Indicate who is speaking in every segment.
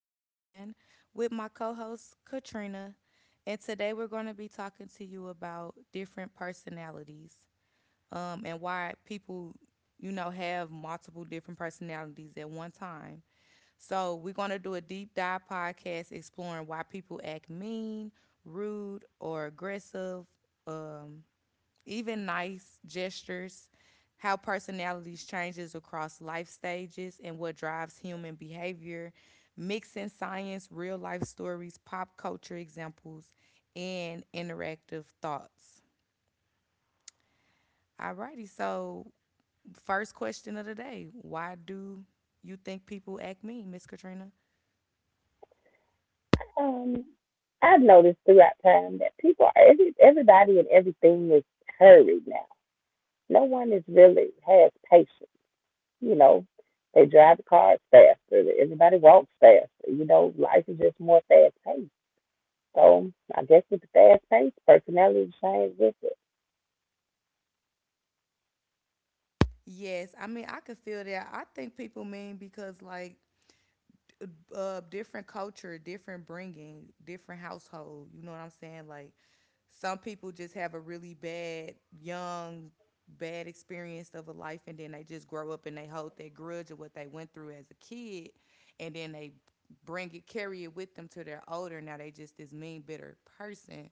Speaker 1: Joanne, with my co host, Katrina. And today we're going to be talking to you about different personalities, and why people, you know, have multiple different personalities at one time. So we're going to do a deep dive podcast exploring why people act mean, rude, or aggressive, um, even nice gestures, how personalities changes across life stages and what drives human behavior, mixing science, real life stories, pop culture examples, and interactive thoughts. Alrighty, so first question of the day. Why do you think people act mean, Miss Katrina?
Speaker 2: Um, I've noticed throughout time that people are everybody and everything is hurried now. No one is really has patience. You know, they drive the cars faster. Everybody walks faster. You know, life is just more fast paced. So I guess with the fast pace, personality change with it.
Speaker 1: Yes, I mean I could feel that. I think people mean because like different culture, different bringing, different household. You know what I'm saying? Like some people just have a really bad young bad experience of a life, and then they just grow up and they hold that grudge of what they went through as a kid, and then they bring it carry it with them to their older, now they just this mean bitter person.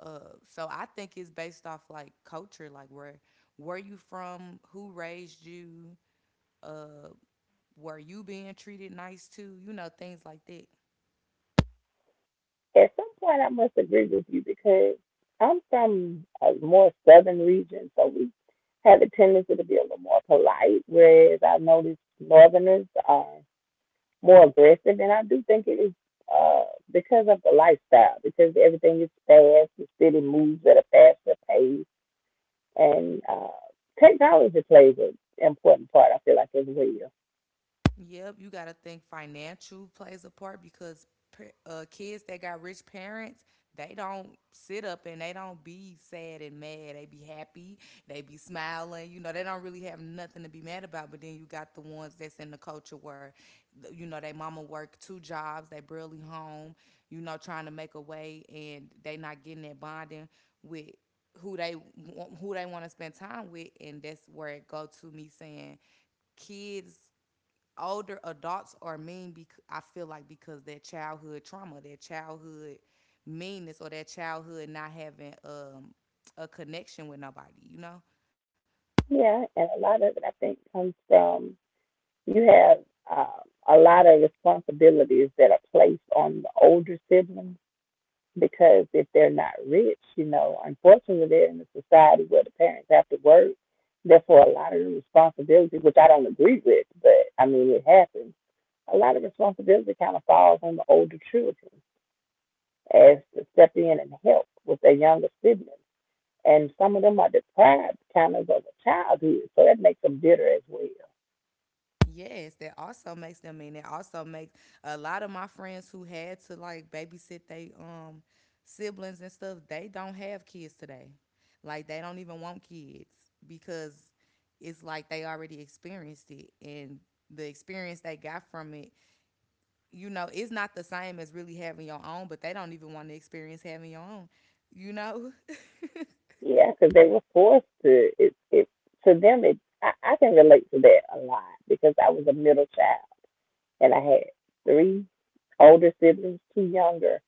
Speaker 1: So I think it's based off like culture, like where you from, who raised you, were you being treated nice too, you know, things like that.
Speaker 2: At some point, I must agree with you because I'm from a more southern region, so we have a tendency to be a little more polite. Whereas I notice northerners are more aggressive. And I do think it is uh, because of the lifestyle, because everything is fast, the city moves at a faster pace, and technology plays an important part, I feel like, as well.
Speaker 1: Yep, you got to think financial plays a part because kids that got rich parents, they don't sit up and they don't be sad and mad. They be happy, they be smiling. You know, they don't really have nothing to be mad about. But then you got the ones that's in the culture where, you know, they mama work 2 jobs, they barely home, you know, trying to make a way, and they not getting that bonding with who they want to spend time with, and that's where it go to me saying kids older adults are mean because I feel like because their childhood trauma, their childhood meanness, or their childhood not having a connection with nobody, you know.
Speaker 2: Yeah, and a lot of it, I think, comes from you have uh, a lot of responsibilities that are placed on the older siblings because if they're not rich, you know, unfortunately they're in a society where the parents have to work. Therefore, a lot of the responsibility, which I don't agree with, but I mean it happens. A lot of responsibility kind of falls on the older children as to step in and help with their younger siblings, and some of them are deprived kind of a childhood, so that makes them bitter as well.
Speaker 1: Yes, that also makes them mean. That also makes a lot of my friends who had to like babysit they siblings and stuff. They don't have kids today. Like they don't even want kids because it's like they already experienced it and the experience they got from it, you know, it's not the same as really having your own, but they don't even want to experience having your own, you know?
Speaker 2: Yeah, because they were forced to. It to them, I can relate to that a lot because I was a middle child and I had three older siblings, two younger,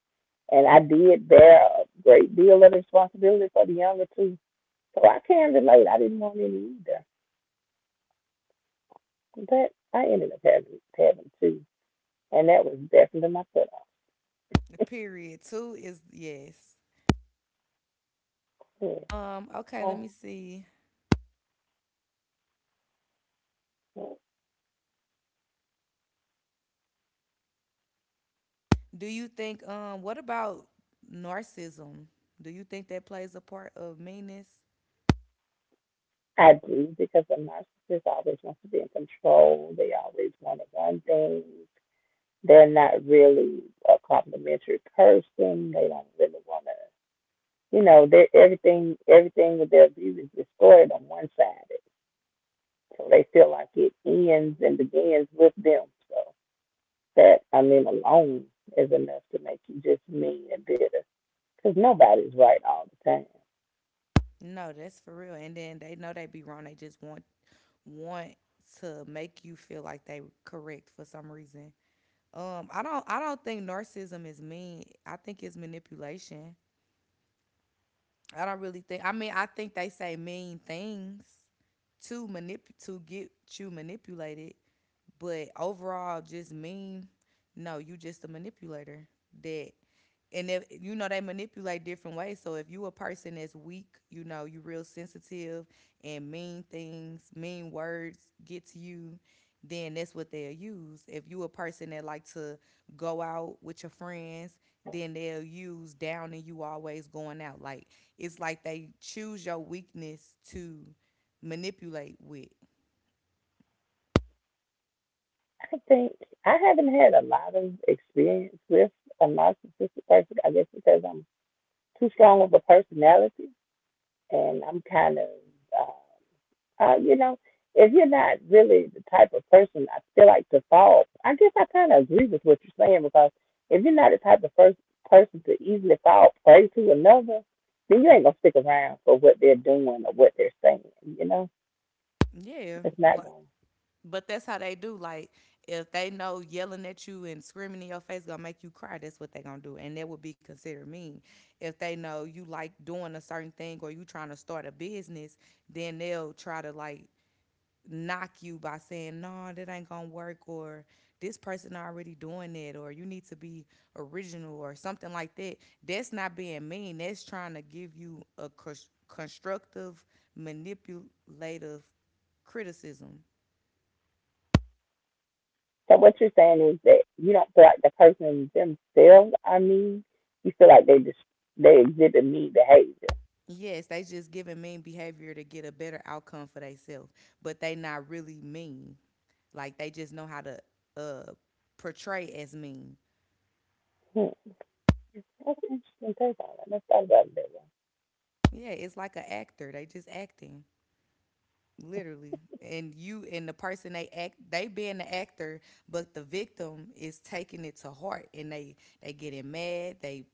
Speaker 2: and I did bear a great deal of responsibility for the younger two. So I can relate. I didn't want any either, but I ended up having two, and that was definitely my put off.
Speaker 1: Period. Two is yes.
Speaker 2: Yeah.
Speaker 1: Okay, let me see.
Speaker 2: Mm-hmm.
Speaker 1: Do you think what about narcissism? Do you think that plays a part of meanness?
Speaker 2: I do because the narcissist always wants to be in control. They always want to run things. They're not really a complimentary person. They don't really want to. You know, everything with their view is destroyed on one side, so they feel like it ends and begins with them. So that I mean alone is enough to make you just mean and bitter. Because nobody's right all the time.
Speaker 1: No, that's for real. And then they know they be wrong. They just want to make you feel like they correct for some reason. I don't think narcissism is mean. I think it's manipulation. I don't really think. I mean, I think they say mean things to get you manipulated, but overall, just mean. No, you just a manipulator that, and if you know they manipulate different ways, so if you a person that's weak, you know, you real sensitive, and mean things, mean words get to you, then that's what they'll use. If you a person that like to go out with your friends, then they'll use downing you always going out, like it's like they choose your weakness to manipulate with.
Speaker 2: I think I haven't had a lot of experience with a narcissistic person. I guess because I'm too strong of a personality and I'm kind of uh, you know, if you're not really the type of person I feel like to fall, I guess I kind of agree with what you're saying because if you're not the type of first person to easily fall prey to another, then you ain't gonna stick around for what they're doing or what they're saying. You know,
Speaker 1: Yeah,
Speaker 2: it's not
Speaker 1: like,
Speaker 2: going to.
Speaker 1: but that's how they do. Like if they know yelling at you and screaming in your face gonna make you cry, that's what they gonna do, and that would be considered mean. If they know you like doing a certain thing or you trying to start a business, then they'll try to like knock you by saying, "No, that ain't gonna work," or "This person already doing it," or "You need to be original," or something like that. That's not being mean. That's trying to give you a constructive, manipulative criticism.
Speaker 2: So what you're saying is that you don't feel like the person themselves are mean. You feel like they just they exhibit mean behavior.
Speaker 1: Yes, they just giving mean behavior to get a better outcome for themselves, but they not really mean. Like they just know how to uh portray as mean.
Speaker 2: Hmm. That's an interesting take on it. Let's talk about it that way.
Speaker 1: Yeah, it's like an actor. They just acting literally, and you and the person they act, they being the actor, but the victim is taking it to heart, and they getting mad, they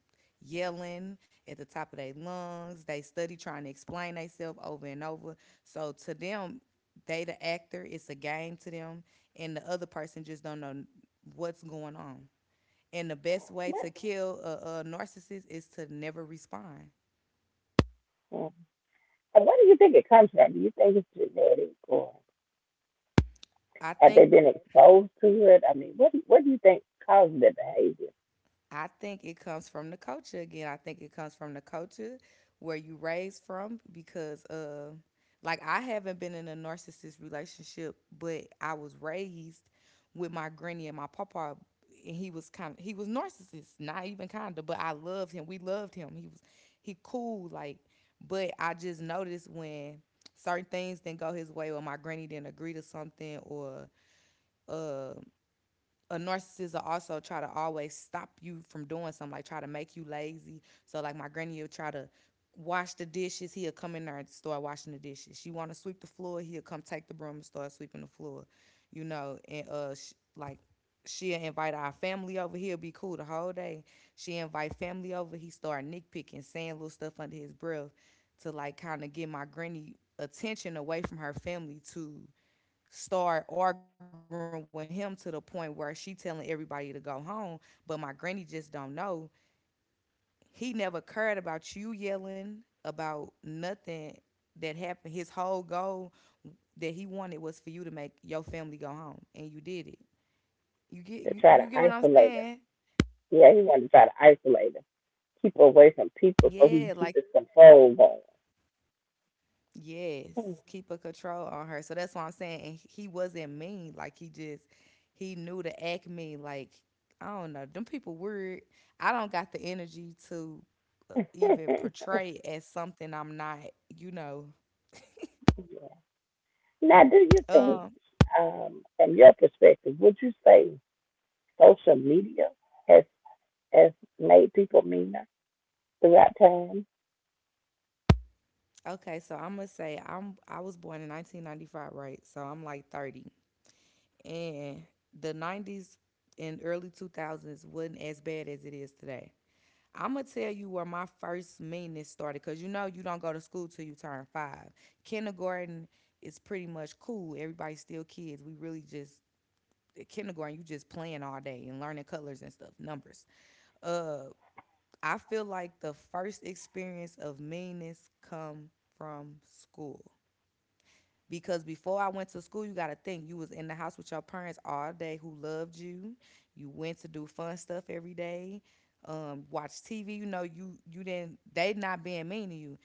Speaker 1: yelling at the top of their lungs, they study trying to explain themselves over and over. So to them, they the actor, it's a game to them, and the other person just don't know what's going on. And the best way to kill a narcissist is to never respond.
Speaker 2: Hmm. So where do you think it comes from? Do you think it's genetic or
Speaker 1: i
Speaker 2: have they
Speaker 1: think
Speaker 2: been exposed to it? I mean, what do you think caused their behavior?
Speaker 1: I think it comes from the culture again. I think it comes from the culture where you raised from because like I haven't been in a narcissist relationship, but I was raised with my granny and my papa, and he was narcissist, not even kind of, but I loved him. We loved him. He was he cool like, but I just noticed when certain things didn't go his way or my granny didn't agree to something or uh a narcissist will also try to always stop you from doing something, like try to make you lazy. So like my granny will try to wash the dishes, he'll come in there and start washing the dishes. She want to sweep the floor, he'll come take the broom and start sweeping the floor. You know, and like she'll invite our family over. He'll be cool the whole day. She invite family over. He start nitpicking, saying little stuff under his breath to like kind of get my granny attention away from her family to start arguing with him to the point where she telling everybody to go home, but my granny just don't know. He never cared about you yelling about nothing that happened. His whole goal that he wanted was for you to make your family go home, and you did it. You
Speaker 2: To
Speaker 1: get
Speaker 2: try
Speaker 1: you,
Speaker 2: to
Speaker 1: you get what I'm
Speaker 2: isolate her.
Speaker 1: saying?
Speaker 2: Yeah, he wanted to try to isolate her, keep her away from people so he
Speaker 1: Yeah,
Speaker 2: can
Speaker 1: like,
Speaker 2: keep his control going.
Speaker 1: yes,
Speaker 2: Hmm.
Speaker 1: keep a control on her. So that's what I'm saying. And he wasn't mean. Like he just he knew to act mean. Like I don't know. Them people weird. I don't got the energy to even portray as something I'm not. You know.
Speaker 2: Now, do you think,
Speaker 1: Um.
Speaker 2: from your perspective, would you say social media has has made people meaner throughout time?
Speaker 1: Okay. So I'm gonna say I was born in 1995, right? So I'm like 30, and the 90s and early 2000s wasn't as bad as it is today. I'm gonna tell you where my first meanness started, cause you know you don't go to school till you turn five. Kindergarten is pretty much cool. Everybody's still kids. We really just at kindergarten you just playing all day and learning colors and stuff, numbers. Uh, I feel like the first experience of meanness come from school, because before I went to school, you got to think you was in the house with your parents all day who loved you. You went to do fun stuff every day, watch TV. You know, you didn't they not being mean to you.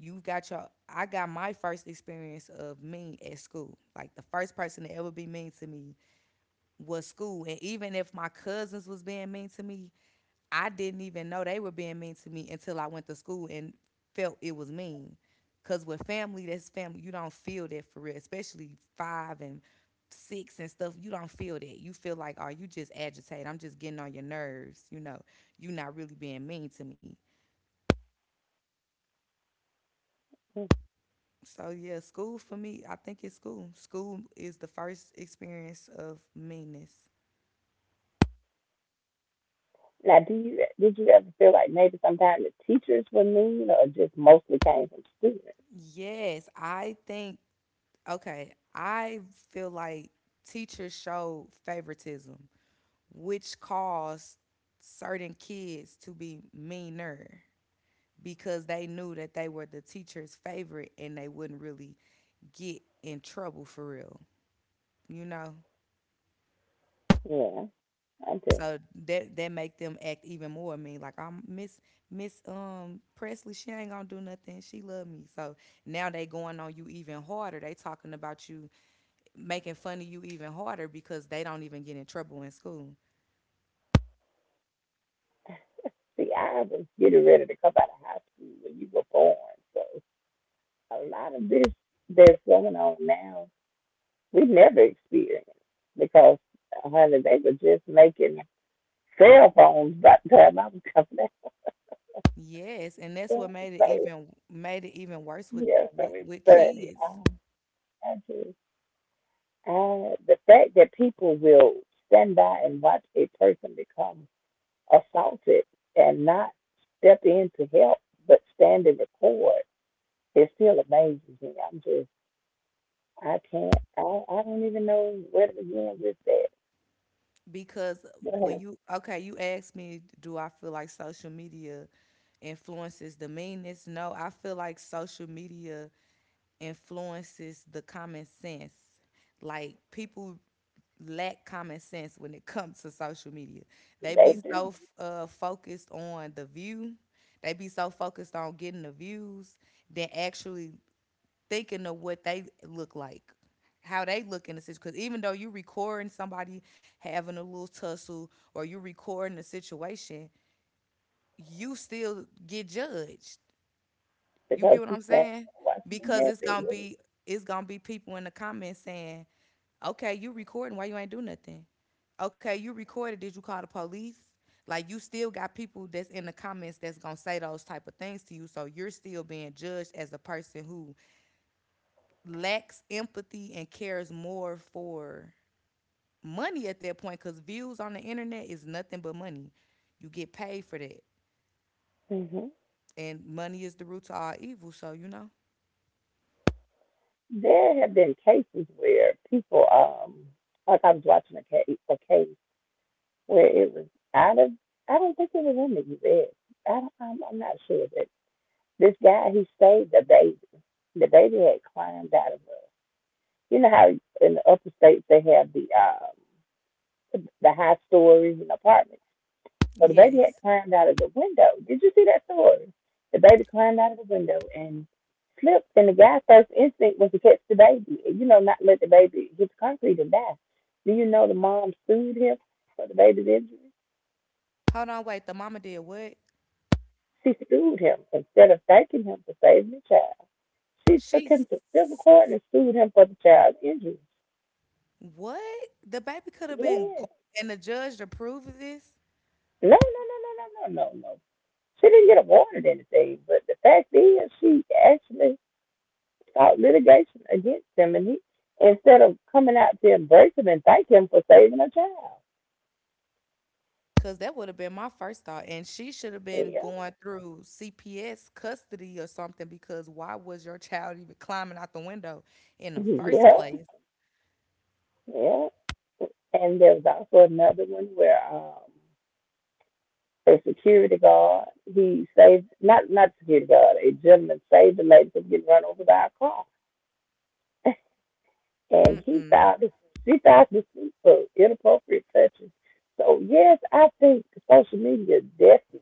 Speaker 1: You got your I got my first experience of mean at school. Like the first person to ever be mean to me was school, and even if my cousins was being mean to me, I didn't even know they were being mean to me until I went to school and felt it was mean. Cause with family, that's family. You don't feel that for real, especially five and six and stuff. You don't feel that. You feel like, oh, you just agitate. I'm just getting on your nerves. You know, you are not really being mean to me.
Speaker 2: Hmm.
Speaker 1: So yeah, school for me, I think it's school. School is the first experience of meanness.
Speaker 2: Now, do you did you ever feel like maybe sometimes the teachers were mean, or just mostly came from students?
Speaker 1: Yes, I think, Okay, I feel like teachers showed favoritism, which caused certain kids to be meaner because they knew that they were the teacher's favorite and they wouldn't really get in trouble for real, you know?
Speaker 2: Yeah, I do.
Speaker 1: So that that make them act even more mean. Like I'm Miss Presley, she ain't gonna do nothing. She love me. So now they going on you even harder. They talking about you making fun of you even harder because they don't even get in trouble in school.
Speaker 2: See, I was getting ready to come out of high school when you were born. So a lot of this that's going on now, we never experienced because, honey, they were just making cell phones by the time I was coming out.
Speaker 1: Yes, and that's what made it
Speaker 2: So,
Speaker 1: even made it even worse with
Speaker 2: yeah, so it's
Speaker 1: with
Speaker 2: funny.
Speaker 1: kids.
Speaker 2: I just, the fact that people will stand by and watch a person become assaulted and not step in to help, but stand and record, it still amazes me. I'm just I can't. I don't even know where to begin with that.
Speaker 1: Because when
Speaker 2: But
Speaker 1: you okay, you asked me, do I feel like social media influences the meanness? No, I feel like social media influences the common sense. Like people lack common sense when it comes to social media. They
Speaker 2: they
Speaker 1: be
Speaker 2: do
Speaker 1: so focused on the view. They be so focused on getting the views than actually thinking of what they look like, how they look in the situation. Because even though you're recording somebody having a little tussle or you're recording the situation, you still get judged. You get
Speaker 2: because
Speaker 1: what
Speaker 2: she
Speaker 1: I'm
Speaker 2: said
Speaker 1: saying?
Speaker 2: Washington
Speaker 1: Because
Speaker 2: has
Speaker 1: it's gonna
Speaker 2: been.
Speaker 1: be it's gonna be people in the comments saying, "Okay, you recording? Why you ain't do nothing? Okay, you recorded. Did you call the police?" Like you still got people that's in the comments that's gonna say those type of things to you, so you're still being judged as a person who lacks empathy and cares more for money at that point because views on the internet is nothing but money. You get paid for that.
Speaker 2: Hmm.
Speaker 1: And money is the root to all evil, so.
Speaker 2: There have been cases where people, like I was watching a case where it was out of. I don't think it was in the U. S. I'm not sure, but this guy he saved the baby. The baby had climbed out of a. You know how in the upper states they have the high stories and apartments. So the baby had
Speaker 1: Yes.
Speaker 2: climbed out of the window. Did you see that story? The baby climbed out of the window and slipped, and the guy's first instinct was to catch the baby, and, you know, not let the baby hit the concrete and die. Do you know the mom sued him for the baby's injury?
Speaker 1: Hold on, wait. The mama did what?
Speaker 2: She sued him instead of thanking him for saving the child. She
Speaker 1: She
Speaker 2: took him to civil
Speaker 1: s-
Speaker 2: court and sued him for the child's injury.
Speaker 1: what? The baby could have been gone,
Speaker 2: Yes.
Speaker 1: and the judge approved of this?
Speaker 2: No, no, no, no, no, no, no, no. She didn't get awarded anything, but the fact is, she actually start litigation against him, and he instead of coming out to embrace him and thank him for saving a child.
Speaker 1: Because that would have been my first thought. And she should have been
Speaker 2: Yeah,
Speaker 1: going through CPS custody or something. Because why was your child even climbing out the window in the first
Speaker 2: yeah,
Speaker 1: place?
Speaker 2: yeah. And there was also another one where a security guard he saved not not security guard a gentleman saved a lady from getting run over by a car, and he
Speaker 1: Mm-mm.
Speaker 2: filed this she filed this suit for inappropriate touching. So yes, I think social media definitely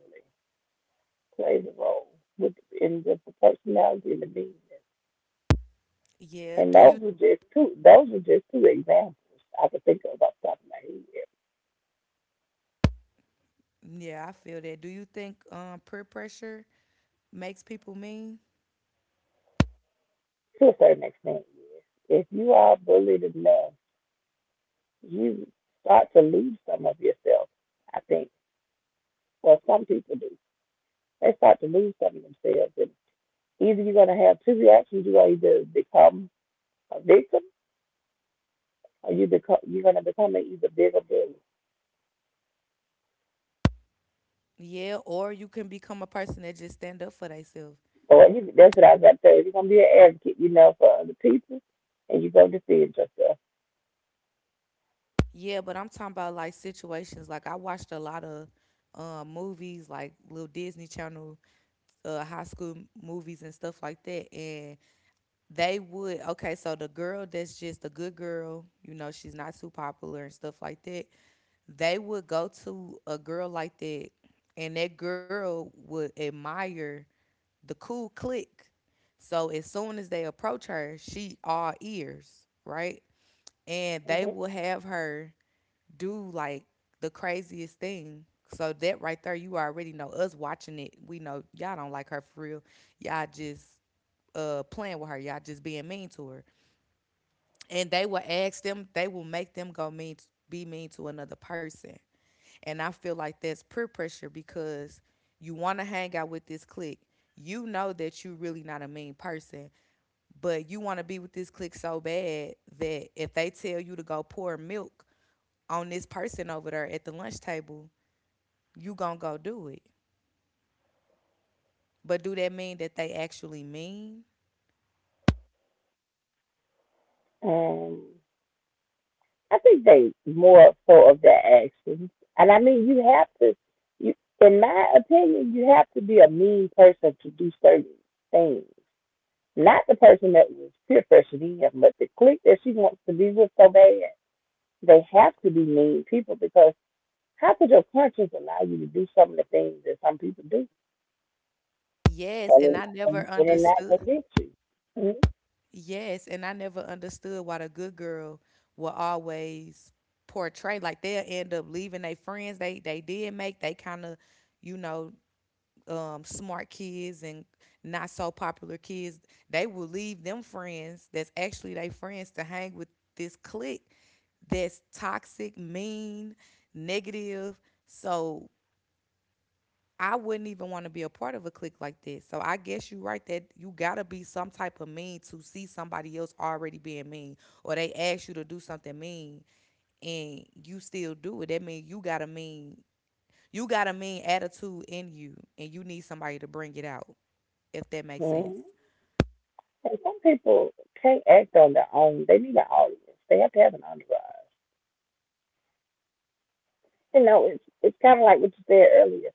Speaker 2: plays a role with in with the personality and the media.
Speaker 1: Yeah.
Speaker 2: And
Speaker 1: Do you?
Speaker 2: those were just two. Those were just two examples I could think of off the top of my head.
Speaker 1: Yeah, I feel that. Do you think peer pressure makes people mean?
Speaker 2: To a certain extent, if you are bullied enough, you start to lose some of yourself. I think. Well, some people do. They start to lose some of themselves. And either you're going to have two reactions. You are either become a victim, or you're going to become an either bigger bully.
Speaker 1: Yeah. Or you can become a person that just stand up for themselves.
Speaker 2: Or you, that's what I was about to say. You're going to be an advocate, you know, for other people, and you're going to defend yourself.
Speaker 1: Yeah, but I'm talking about like situations. Like I watched a lot of movies, like little Disney Channel, high school movies and stuff like that. And they would. Okay, so the girl that's just a good girl, you know, she's not too popular and stuff like that. They would go to a girl like that, and that girl would admire the cool clique. So as soon as they approach her, she all ears, right? And they
Speaker 2: Mm-hmm.
Speaker 1: will have her do like the craziest thing. So that right there, you already know us watching it. We know y'all don't like her for real. Y'all just playing with her. Y'all just being mean to her, and they will make them go mean, be mean to another person. And I feel like that's peer pressure because you want to hang out with this clique. You know that you really not a mean person, but you want to be with this clique so bad that if they tell you to go pour milk on this person over there at the lunch table, you gonna go do it. But do that mean that they actually mean?
Speaker 2: Um, I think they more full of their actions. And I mean, you have to, you, in my opinion, you have to be a mean person to do certain things. Not the person that was peer pressured him, but the clique that she wants to be with so bad. They have to be mean people because how could your conscience allow you to do some of the things that some people do
Speaker 1: yes
Speaker 2: and
Speaker 1: and
Speaker 2: it
Speaker 1: i
Speaker 2: and
Speaker 1: never
Speaker 2: it not
Speaker 1: understood
Speaker 2: convict you?
Speaker 1: Yes, and I never understood why the good girl will always portray like they'll end up leaving their friends. They did make They kind of, you know, smart kids and not so popular kids, they will leave them friends that's actually their friends to hang with this clique that's toxic, mean, negative. So I wouldn't even want to be a part of a clique like this. So I guess you're right that you gotta be some type of mean to see somebody else already being mean, or they ask you to do something mean and you still do it. That means you got a mean attitude in you, and you need somebody to bring it out. If that makes sense.
Speaker 2: Mm-hmm. And some people can't act on their own. They need an audience. They have to have an entourage. You know, it's kind of like what you said earlier.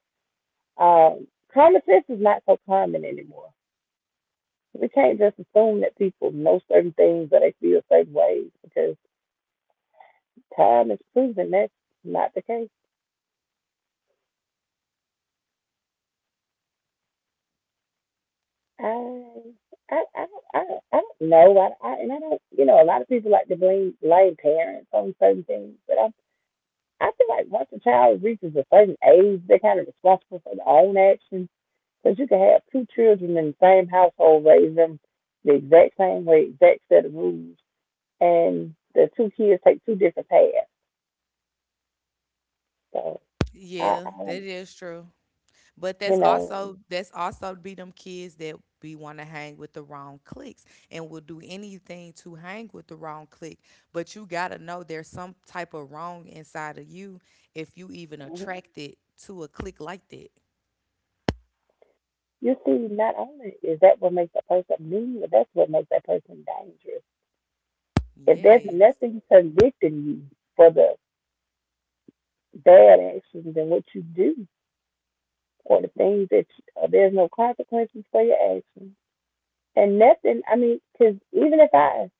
Speaker 2: Um, common sense is not so common anymore. We can't just assume that people know certain things or they feel certain ways because time has proven that's not the case. I I I don't I, don't- I don't know. I don't you know a lot of people like to blame parents on certain things, but I feel like once a child reaches a certain age, they're kind of responsible for their own actions. Because you can have two children in the same household, raise them the exact same way, exact set of rules, and the two kids take two different paths. So
Speaker 1: Yeah, that
Speaker 2: I
Speaker 1: is true. But
Speaker 2: you know,
Speaker 1: that's also be them kids that be want to hang with the wrong cliques and will do anything to hang with the wrong clique. But you gotta know there's some type of wrong inside of you if you even
Speaker 2: mhm.
Speaker 1: attracted to a clique like that.
Speaker 2: You see, not only is that what makes a person mean, but that's what makes that person dangerous. If there's
Speaker 1: Yes.
Speaker 2: nothing convicting you for the bad actions and what you do, or the things that you, there's no consequences for your actions, and nothing, I mean, because even if I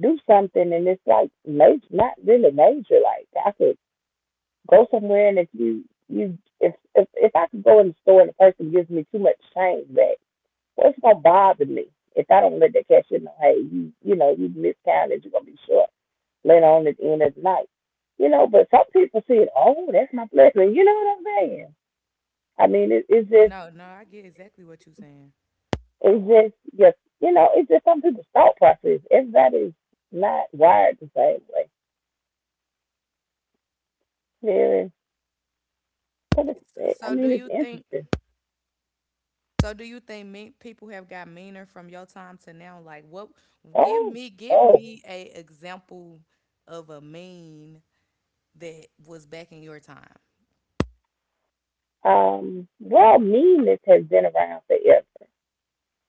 Speaker 2: do something and it's like major, not really major. Like I could go somewhere and if you you if I could go in the store and the person gives me too much change back, well, it's gonna bother me if I don't let that cashier know, hey, you know you miscounted, you're gonna be short later on at the end of the night. You know, but some people see it. Oh, that's my blessing. You know what I'm saying? I mean,
Speaker 1: No, no, I get exactly what you're saying.
Speaker 2: it's just you know, it's just some people's thought process. Everybody's not wired the same way. Very but
Speaker 1: S-
Speaker 2: it's, I
Speaker 1: So do
Speaker 2: mean, it's
Speaker 1: you think
Speaker 2: interesting.
Speaker 1: so do you think mean people have got meaner from your time to now? Like what,
Speaker 2: Oh,
Speaker 1: give
Speaker 2: oh.
Speaker 1: me a example of a mean that was back in your time.
Speaker 2: Well, meanness has been around forever.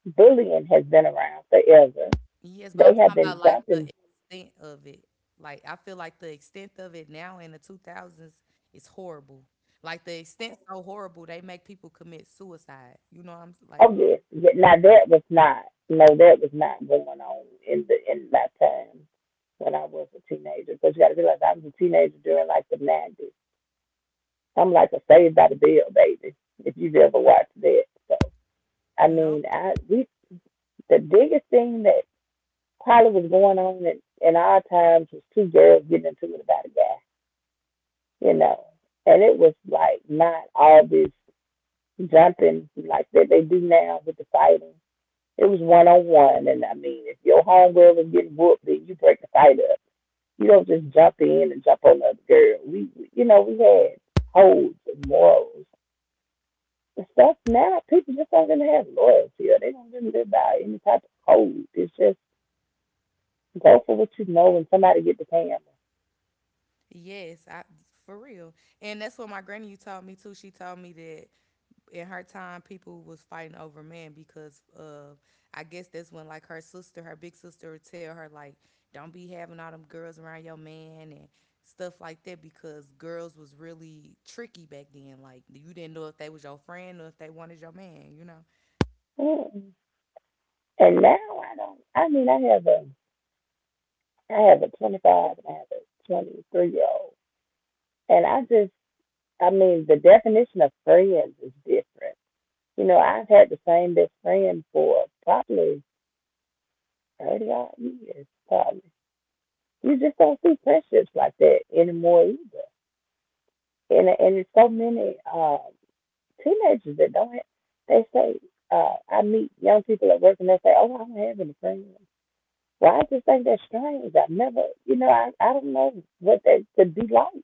Speaker 2: Bullying has been around forever.
Speaker 1: Yes, but
Speaker 2: They
Speaker 1: I'm
Speaker 2: have
Speaker 1: talking
Speaker 2: been
Speaker 1: about like the
Speaker 2: jumping.
Speaker 1: extent of it. Like I feel like the extent of it now in the 2000s is horrible. Like the extent so horrible they make people commit suicide. You know what I'm s-
Speaker 2: Oh
Speaker 1: like?
Speaker 2: yes, yeah, now that was not. no, that was not going on in the in my time when I was a teenager. Because you got to realize I was a teenager during like the 90s. I'm like a Saved by the Bell baby. If you've ever watched that, so I mean,
Speaker 1: Nope.
Speaker 2: I we the biggest thing that probably was going on in our times was two girls getting into it about a guy, you know. And it was like not all this jumping like that they do now with the fighting. It was one on one, and I mean if your homegirl was getting whooped then you break the fight up. You don't just jump in and jump on the other girl. We, you know, we had codes and morals. The stuff now, people just don't really have loyalty, or they don't really live by any type of code. It's just go for what you know and somebody get the camera.
Speaker 1: Yes, I for real. And that's what my granny you told me too. She told me that in her time people was fighting over men because of, I guess that's when like her sister, her big sister would tell her like, "Don't be having all them girls around your man and stuff like that," because girls was really tricky back then. Like you didn't know if they was your friend or if they wanted your man, you know?
Speaker 2: Mm. And now I don't. I mean, I have a 25 and I have a 23-year-old, and I just, I mean, the definition of friends is different. You know, I've had the same best friend for probably 30 odd years. Probably you just don't see friendships like that anymore either. And there's so many teenagers that don't. Have, they say, I meet young people at work and they say, "Oh, I don't have any friends." Well, I just think that's strange. I've never, you know, I don't know what that could be like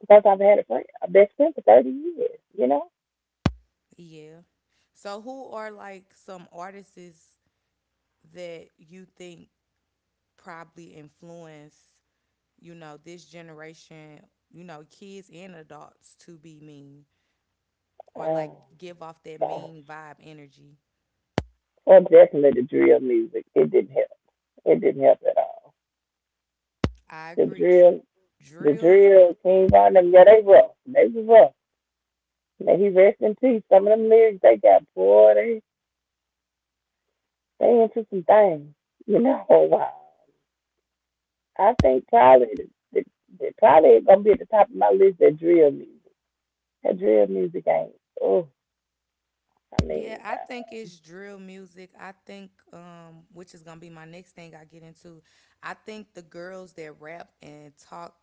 Speaker 2: because I've had a friend, a best friend for 30 years, you know?
Speaker 1: Yeah. So who are like some artists that you think probably influence, you know, this generation, you know, kids and adults to be mean or like
Speaker 2: Oh,
Speaker 1: give off that
Speaker 2: gosh.
Speaker 1: mean vibe energy.
Speaker 2: Well, definitely the drill music. It didn't help. It didn't help at all.
Speaker 1: I
Speaker 2: The
Speaker 1: agree. Dr-
Speaker 2: drill,
Speaker 1: Drills.
Speaker 2: King Von them, yeah, they rough. They was rough. May he rest in peace. Some of them lyrics they got, boy, they into some things, you know? Wow. I think probably, the, probably it's going to be at the top of my list, that drill music. That drill music ain't. Oh, I
Speaker 1: Yeah,
Speaker 2: mean,
Speaker 1: I think it's drill music. I think, which is gonna be my next thing I get into. I think the girls that rap and talk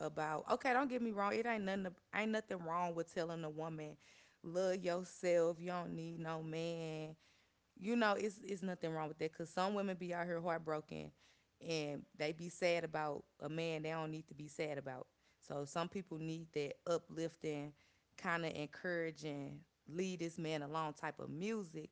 Speaker 1: about, okay, don't get me wrong, it ain't nothing wrong with telling a woman, love yourself, you don't need no man, you know, it's nothing wrong with that because some women be out here heartbroken and they be sad about a man they don't need to be sad about. So some people need that uplifting, kind of encouraging, lead this man along type of music.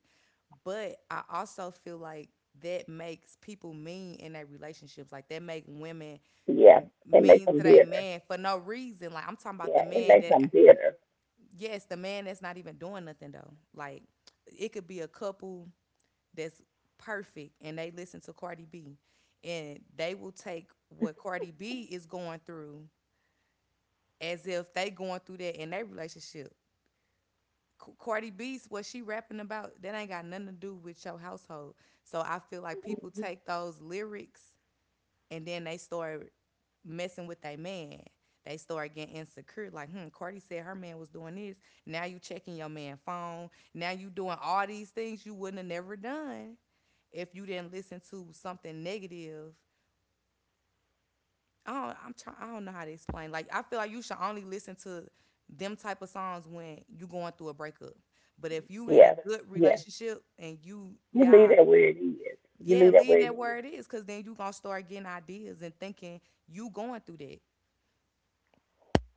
Speaker 1: But I also feel like that makes people mean in their relationships. Like that make women
Speaker 2: yeah, it makes
Speaker 1: mean
Speaker 2: them
Speaker 1: to their
Speaker 2: bitter.
Speaker 1: man for no reason. Like I'm talking about the
Speaker 2: Yeah, it
Speaker 1: man
Speaker 2: makes
Speaker 1: that,
Speaker 2: them bitter.
Speaker 1: yes, the man that's not even doing nothing though. Like it could be a couple that's perfect and they listen to Cardi B, and they will take what Cardi B is going through as if they going through that in their relationship. C- Cardi B's what she rapping about that ain't got nothing to do with your household. So I feel like people take those lyrics and then they start messing with their man. They start getting insecure, like, hmm, Cardi said her man was doing this. Now you checking your man phone. Now you doing all these things you wouldn't have never done if you didn't listen to something negative. I don't know how to explain. Like I feel like you should only listen to them type of songs when you going through a breakup. But if you in a
Speaker 2: Yeah,
Speaker 1: good
Speaker 2: yeah.
Speaker 1: relationship and you
Speaker 2: You leave
Speaker 1: y'all,
Speaker 2: that where it is. You
Speaker 1: yeah,
Speaker 2: leave that
Speaker 1: leave
Speaker 2: where it
Speaker 1: that where
Speaker 2: is.
Speaker 1: it is, cause then you gonna start getting ideas and thinking you going through that.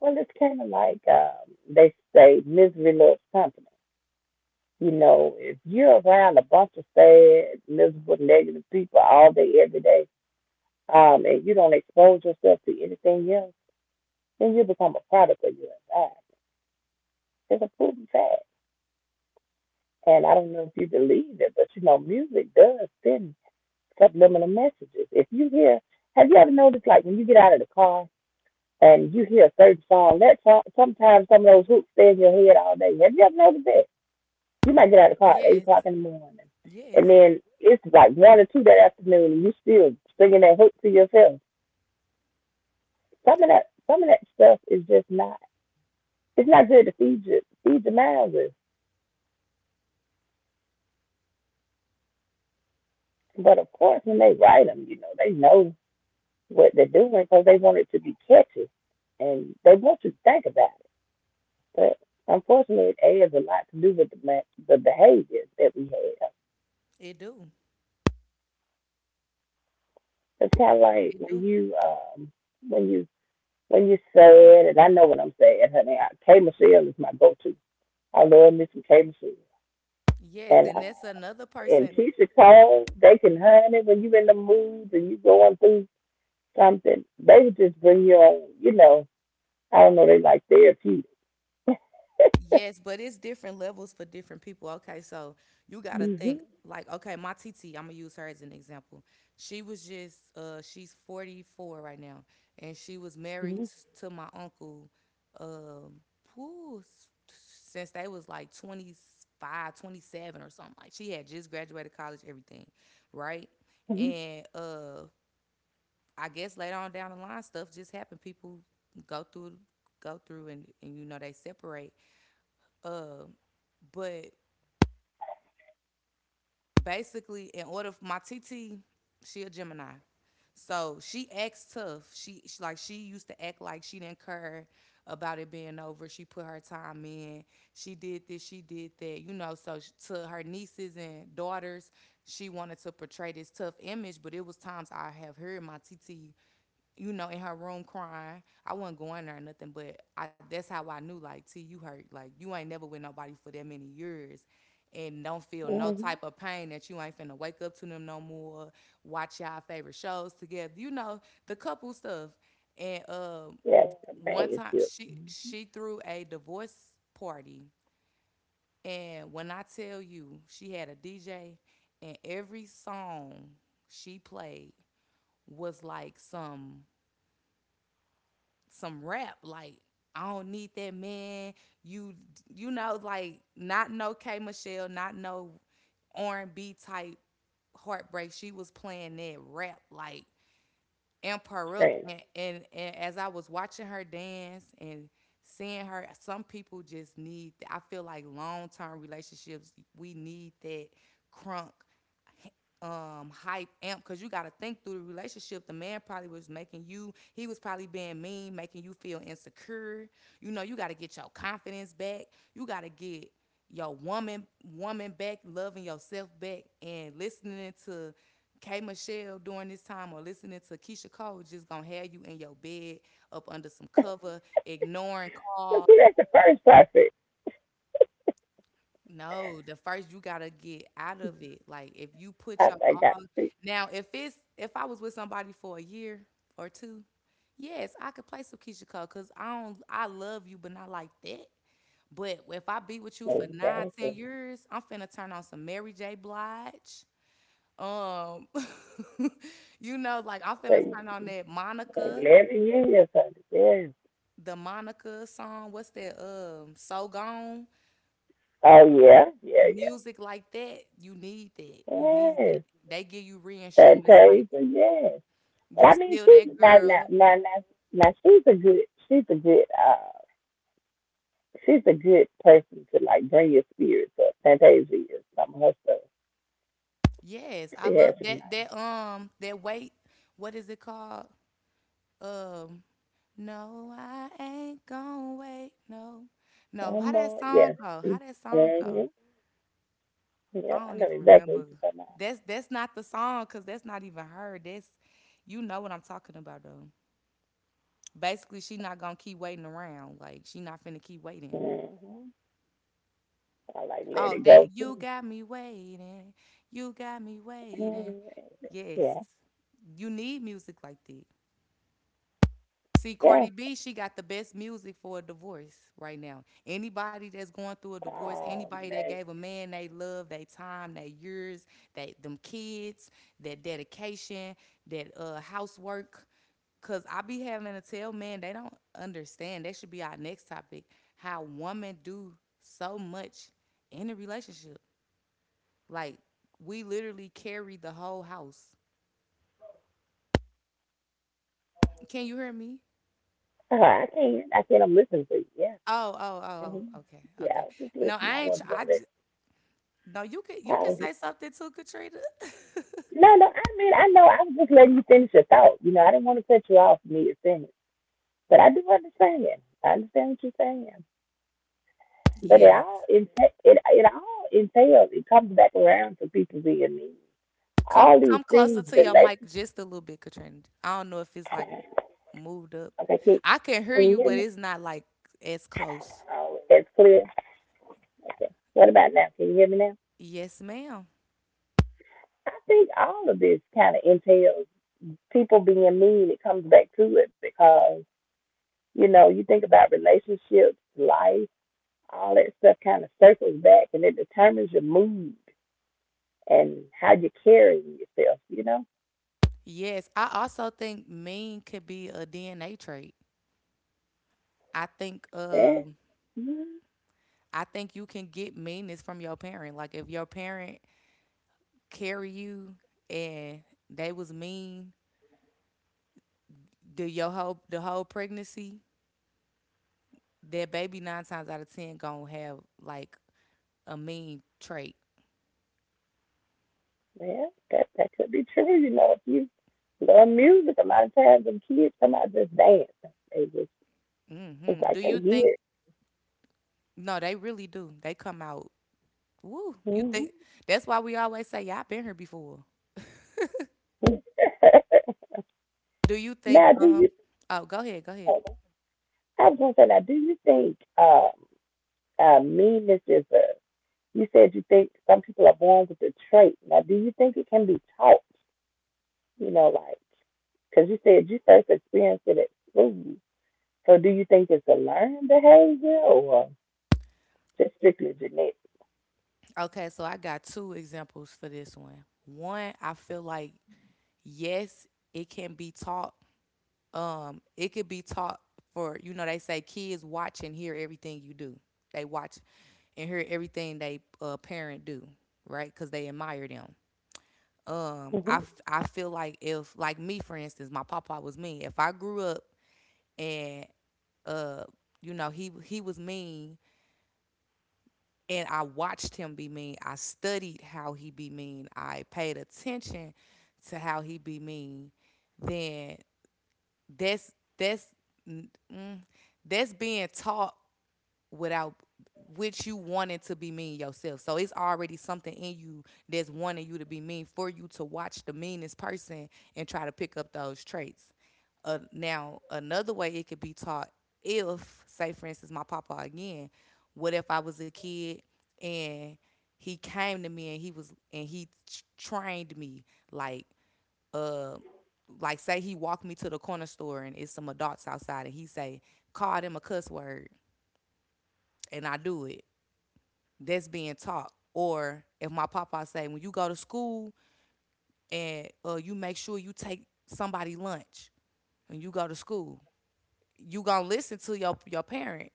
Speaker 2: Well, it's kind of like they say, misery loves company. You know, if you're around a bunch of sad, miserable, negative people all day, every day, and you don't expose yourself to anything else, then you become a product of your environment. It's a proven fact. And I don't know if you believe it, but you know, music does send subliminal messages. If you hear, have you ever noticed, like when you get out of the car and you hear a certain song, that song, sometimes some of those hooks stay in your head all day. Have you ever noticed that? You might get out of the car at eight
Speaker 1: Yes,
Speaker 2: o'clock in the morning, and
Speaker 1: yes,
Speaker 2: then it's like one or two that afternoon, and you still singing that hook to yourself. Some of that stuff is just not. It's not good to feed your mind with. But of course, when they write them, you know they know what they're doing because they want it to be catchy and they want you to think about it. But unfortunately, it has a lot to do with the behaviors that we have.
Speaker 1: it do.
Speaker 2: It's kind of like
Speaker 1: It
Speaker 2: when
Speaker 1: do.
Speaker 2: you when you when you sad, and I know what I'm saying, honey. I, K Michelle is my go-to. I love me some K Michelle,
Speaker 1: Yes,
Speaker 2: and
Speaker 1: and
Speaker 2: uh,
Speaker 1: that's another
Speaker 2: and
Speaker 1: person.
Speaker 2: Keisha Cole, they can honey when you in the mood and you going through something, they would just bring you on. You know, I don't know, they like therapy.
Speaker 1: Yes, but it's different levels for different people. Okay, so you got to
Speaker 2: Mhm.
Speaker 1: think like, okay, my TT, I'm going to use her as an example. She was just she's 44 right now, and she was married
Speaker 2: Mhm.
Speaker 1: s- to my uncle, um whew, s- since they was like 25, 27 or something. Like she had just graduated college, everything, right?
Speaker 2: Mhm.
Speaker 1: And I guess later on down the line, stuff just happened. People go through, go through, and you know they separate. Uh, but basically, in order for my TT, she a Gemini. So she acts tough. She like she used to act like she didn't care about it being over. She put her time in. She did this. She did that. You know. So sh to her nieces and daughters, she wanted to portray this tough image. But it was times I have heard my TT, you know, in her room crying. I wasn't going there or nothing. But I, that's how I knew. Like T, you hurt. Like you ain't never with nobody for that many years and don't feel no type of pain that you ain't finna wake up to them no more, watch y'all favorite shows together. You know, the couple stuff. And
Speaker 2: Yes,
Speaker 1: one time
Speaker 2: companionship,
Speaker 1: she threw a divorce party, and when I tell you she had a DJ, and every song she played was like some rap, like I don't need that man. You you know, like not no K Michelle, not no R&B type heartbreak. She was playing that rap like amp her up.
Speaker 2: training.
Speaker 1: And, and as I was watching her dance and seeing her, some people just need, I feel like long term relationships, we need that crunk, hype, amp, because you got to think through the relationship the man probably was making you, he was probably being mean, making you feel insecure. You know you got to get your confidence back. You got to get your woman woman back, loving yourself back. And listening to K Michelle during this time or listening to Keisha Cole just gonna have you in your bed up under some cover, ignoring
Speaker 2: But
Speaker 1: calls.
Speaker 2: see, that's the first prophet
Speaker 1: No, the first you gotta get out of it. Like if you put your
Speaker 2: I
Speaker 1: all
Speaker 2: got sick.
Speaker 1: now, if it's if I was with somebody for a year or two, yes, I could play some Keisha Cole because I don't, I love you, but not like that. But if I be with you for nine, ten
Speaker 2: Exactly.
Speaker 1: years, I'm finna turn on some Mary J. Blige. Um, you know, like I'm finna
Speaker 2: So,
Speaker 1: turn on that Monica,
Speaker 2: 11 years of it, yes.
Speaker 1: the Monica song. What's that? So Gone.
Speaker 2: Oh, yeah, yeah, yeah.
Speaker 1: Music like that, you need that. You need that.
Speaker 2: Yes.
Speaker 1: They give you
Speaker 2: That
Speaker 1: reinsurance, like
Speaker 2: page, yes. But
Speaker 1: you
Speaker 2: I mean,
Speaker 1: still that
Speaker 2: she's
Speaker 1: girl.
Speaker 2: she's a good, she's a good, uh, she's a good person to like bring your spirits up. Fantasia is some of her stuff.
Speaker 1: Yes, I
Speaker 2: She has
Speaker 1: love
Speaker 2: some
Speaker 1: that
Speaker 2: nice.
Speaker 1: that um that wait, what is it called? Um, no, I ain't gonna wait. No, no. How that
Speaker 2: Some, yes.
Speaker 1: song go? How that song
Speaker 2: Mm-hmm.
Speaker 1: go?
Speaker 2: Yeah,
Speaker 1: I
Speaker 2: I
Speaker 1: don't
Speaker 2: know
Speaker 1: even
Speaker 2: exactly what
Speaker 1: remember.
Speaker 2: you're talking
Speaker 1: That's not the song, cause that's not even her. That's you know what I'm talking about though. Basically, she not gonna keep waiting around. Like she not finna keep waiting.
Speaker 2: about. Mm-hmm. I like let
Speaker 1: Oh,
Speaker 2: it go
Speaker 1: that
Speaker 2: too.
Speaker 1: you got me waiting. You got me waiting.
Speaker 2: Mhm.
Speaker 1: Yes,
Speaker 2: Yeah,
Speaker 1: you need music like that. See,
Speaker 2: yeah.
Speaker 1: Cardi B, she got the best music for a divorce right now. Anybody that's going through a divorce,
Speaker 2: Oh
Speaker 1: anybody that
Speaker 2: man,
Speaker 1: gave a man they love, they time, they years, they them kids, that dedication, that housework. Cause I be having to tell men they don't understand. That should be our next topic. How women do so much in a relationship. Like we literally carried the whole house. Can you hear me?
Speaker 2: I can't. I can't. I'm listening to you. Yeah,
Speaker 1: Oh, oh, oh,
Speaker 2: hmm,
Speaker 1: oh. Okay,
Speaker 2: yeah. I
Speaker 1: okay.
Speaker 2: was just
Speaker 1: No,
Speaker 2: listening. I
Speaker 1: I ain't. Tr-
Speaker 2: wasn't gonna
Speaker 1: I
Speaker 2: let.
Speaker 1: just, no. You could
Speaker 2: I
Speaker 1: you could
Speaker 2: was just,
Speaker 1: say something too, Katrina.
Speaker 2: no, no. I mean, I know. I was just letting you finish your thought. You know, I didn't want to cut you off. Me to finish, but I do understand. I understand what you're saying. But
Speaker 1: yes.
Speaker 2: it all entails. It comes back around to people being mean.
Speaker 1: Come
Speaker 2: All these
Speaker 1: come
Speaker 2: things
Speaker 1: closer to your
Speaker 2: relate.
Speaker 1: mic just a little bit, Katrina. I don't know if it's like moved up.
Speaker 2: Okay,
Speaker 1: I can hear
Speaker 2: can
Speaker 1: you,
Speaker 2: you hear
Speaker 1: but
Speaker 2: me?
Speaker 1: it's not like as close.
Speaker 2: Oh, that's clear. Okay. What about now? Can you hear me now?
Speaker 1: Yes, ma'am.
Speaker 2: I think all of this kind of entails people being mean. It comes back to it because, you know, you think about relationships, life, all that stuff kind of circles back and it determines your mood and how you're carrying yourself, you know?
Speaker 1: Yes, I also think mean could be a DNA trait. I think
Speaker 2: And,
Speaker 1: um
Speaker 2: mm,
Speaker 1: I think you can get meanness from your parent. Like if your parent carry you and they was mean, the your whole pregnancy, that baby nine times out of ten gonna have like a mean trait.
Speaker 2: well, that could be true. You know, if you love music, a lot of times when kids come out just dance, they just, it's
Speaker 1: Hmm. Do
Speaker 2: like they
Speaker 1: you
Speaker 2: hear
Speaker 1: think?
Speaker 2: it.
Speaker 1: No, they really do. They come out. Woo! You
Speaker 2: Hmm.
Speaker 1: think that's why we always say, "Yeah, I've been here before." Do you think?
Speaker 2: Now, do you,
Speaker 1: Oh, go ahead. Go ahead.
Speaker 2: I was gonna say now, do you think meanness is a? You said you think some people are born with the trait. Now, do you think it can be taught? You know, like because you said you first experienced it at school. So, do you think it's a learned behavior or just strictly genetic?
Speaker 1: Okay, so I got two examples for this one. One, I feel like yes, it can be taught. It could be taught for you know they say kids watch and hear everything you do. They watch and hear everything they parent do, right? Because they admire them.
Speaker 2: Hmm.
Speaker 1: I feel like if like me for instance, my papa was mean. If I grew up and uh, you know he was mean and I watched him be mean. I studied how he be mean. I paid attention to how he be mean. Then that's that's mm, mm, that's being taught without which you wanting to be mean yourself. So it's already something in you that's wanting you to be mean for you to watch the meanest person and try to pick up those traits. Now, another way it could be taught if, say, for instance, my papa again, what if I was a kid and he came to me and he was and he t- trained me like uh like say he walked me to the corner store and it's some adults outside and he say call them a cuss word and I do it, that's being taught. Or if my papa say, when you go to school and you make sure you take somebody lunch when you go to school, you gonna listen to your parent.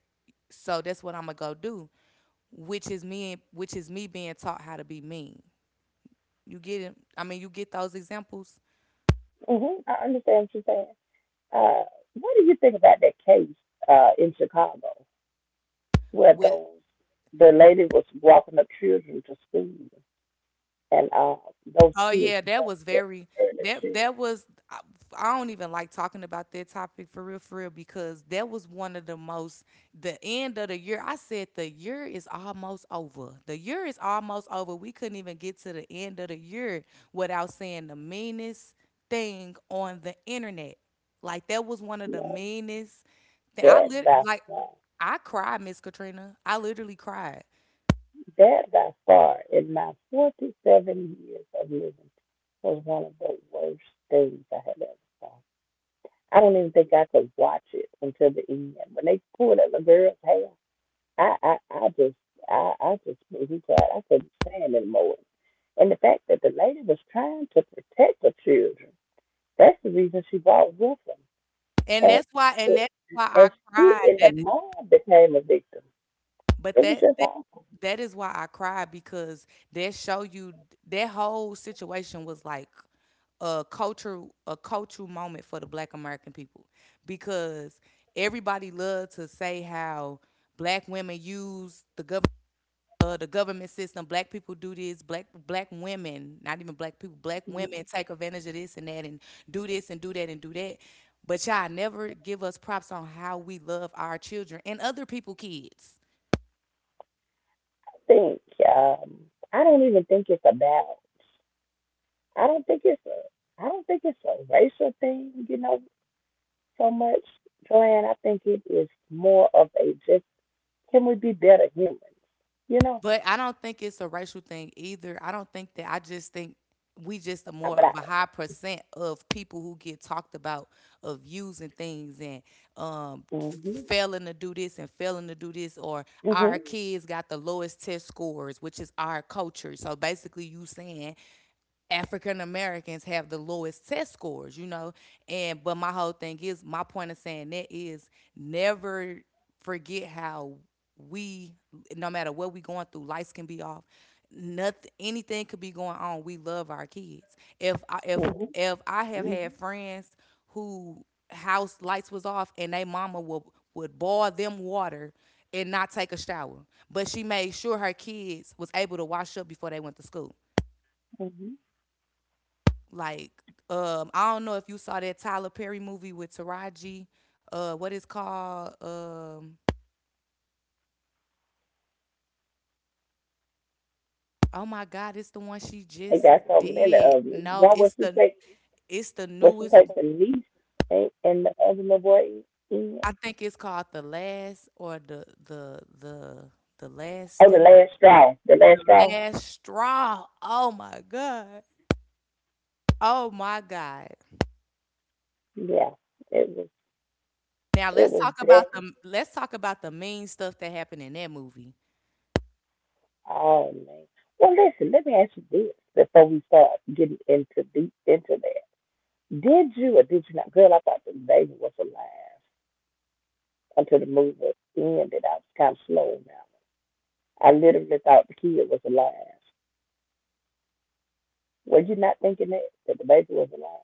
Speaker 1: So that's what I'm gonna go do, which is me being taught how to be mean. You get it? I mean, you get those examples
Speaker 2: Hmm. I understand what you're saying. Uh, what do you think about that case in Chicago where
Speaker 1: with.
Speaker 2: those, the lady was walking up children to school? And those
Speaker 1: Oh
Speaker 2: kids
Speaker 1: yeah, that
Speaker 2: jumped
Speaker 1: was
Speaker 2: their
Speaker 1: very, that
Speaker 2: furniture,
Speaker 1: that was I, I don't even like talking about that topic for real because that was one of the most, the end of the year. I said the year is almost over. The year is almost over. We couldn't even get to the end of the year without saying the meanest thing on the internet. Like that was one of the
Speaker 2: um,
Speaker 1: meanest thing. I
Speaker 2: that
Speaker 1: lit
Speaker 2: by
Speaker 1: like
Speaker 2: far,
Speaker 1: I cried, Miss Katrina. I literally cried.
Speaker 2: in my 47 years of living, was one of the worst things I had ever saw. I don't even think I could watch it until the end. When they pulled at the girl's hair, I, I, I just, I just wasn't, I couldn't stand it more. And the fact that the lady was trying to protect her children, that's the reason she brought with them.
Speaker 1: And
Speaker 2: And,
Speaker 1: that's why and
Speaker 2: it,
Speaker 1: that's why
Speaker 2: and
Speaker 1: I
Speaker 2: she
Speaker 1: cried.
Speaker 2: and
Speaker 1: That
Speaker 2: the mom became a victim.
Speaker 1: but
Speaker 2: It was
Speaker 1: that
Speaker 2: just, all.
Speaker 1: that is why I cried because that show you that whole situation was like a cultural moment for the black American people because everybody loved to say how black women use the government, the government system, black people do this, black women, not even black people, black women take advantage of this and that and do this and do that and do that, but y'all never give us props on how we love our children and other people kids.
Speaker 2: I think, um, I don't even think it's about, I don't think it's a, I don't think it's a racial thing, you know, so much, Joanne. I think it is more of a just, can we be better humans, you know?
Speaker 1: But I don't think it's a racial thing either. I don't think that. I just think we just a
Speaker 2: I-
Speaker 1: more
Speaker 2: But I,
Speaker 1: of a high percent of people who get talked about, of views and things and um,
Speaker 2: mhm,
Speaker 1: failing to do this and failing to do this, or
Speaker 2: mhm,
Speaker 1: our kids got the lowest test scores, which is our culture. So basically, you saying African Americans have the lowest test scores, you know. And but my whole thing is my point of saying that is, never forget how we, no matter what we going through, lights can be off. Nothing, anything could be going on. We love our kids.
Speaker 2: mhm,
Speaker 1: If I have had
Speaker 2: mhm,
Speaker 1: friends who house lights was off, and they mama would boil them water and not take a shower. But she made sure her kids was able to wash up before they went to school.
Speaker 2: mhm.
Speaker 1: Like, I don't know if you saw that Tyler Perry movie with Taraji. What is called? Oh my God, it's the one she
Speaker 2: They
Speaker 1: just
Speaker 2: got so many
Speaker 1: did.
Speaker 2: of them.
Speaker 1: No,
Speaker 2: One
Speaker 1: it's the
Speaker 2: was she
Speaker 1: newest.
Speaker 2: take the niece and the other little boy
Speaker 1: I
Speaker 2: in.
Speaker 1: think it's called the last, or the last
Speaker 2: Oh, the
Speaker 1: step,
Speaker 2: last straw. The last
Speaker 1: the
Speaker 2: straw.
Speaker 1: last straw. Oh my God. Oh my God.
Speaker 2: Yeah, it was.
Speaker 1: Now
Speaker 2: It was definitely.
Speaker 1: let's talk about the mean stuff that happened in that movie.
Speaker 2: Oh man. Well, listen. Let me ask you this before we start getting into deep into that. Did you or did you not, girl? I thought the baby was alive until the movie was ended. I was kind of slow now. I literally thought the kid was alive. Were you not thinking that that the baby was alive?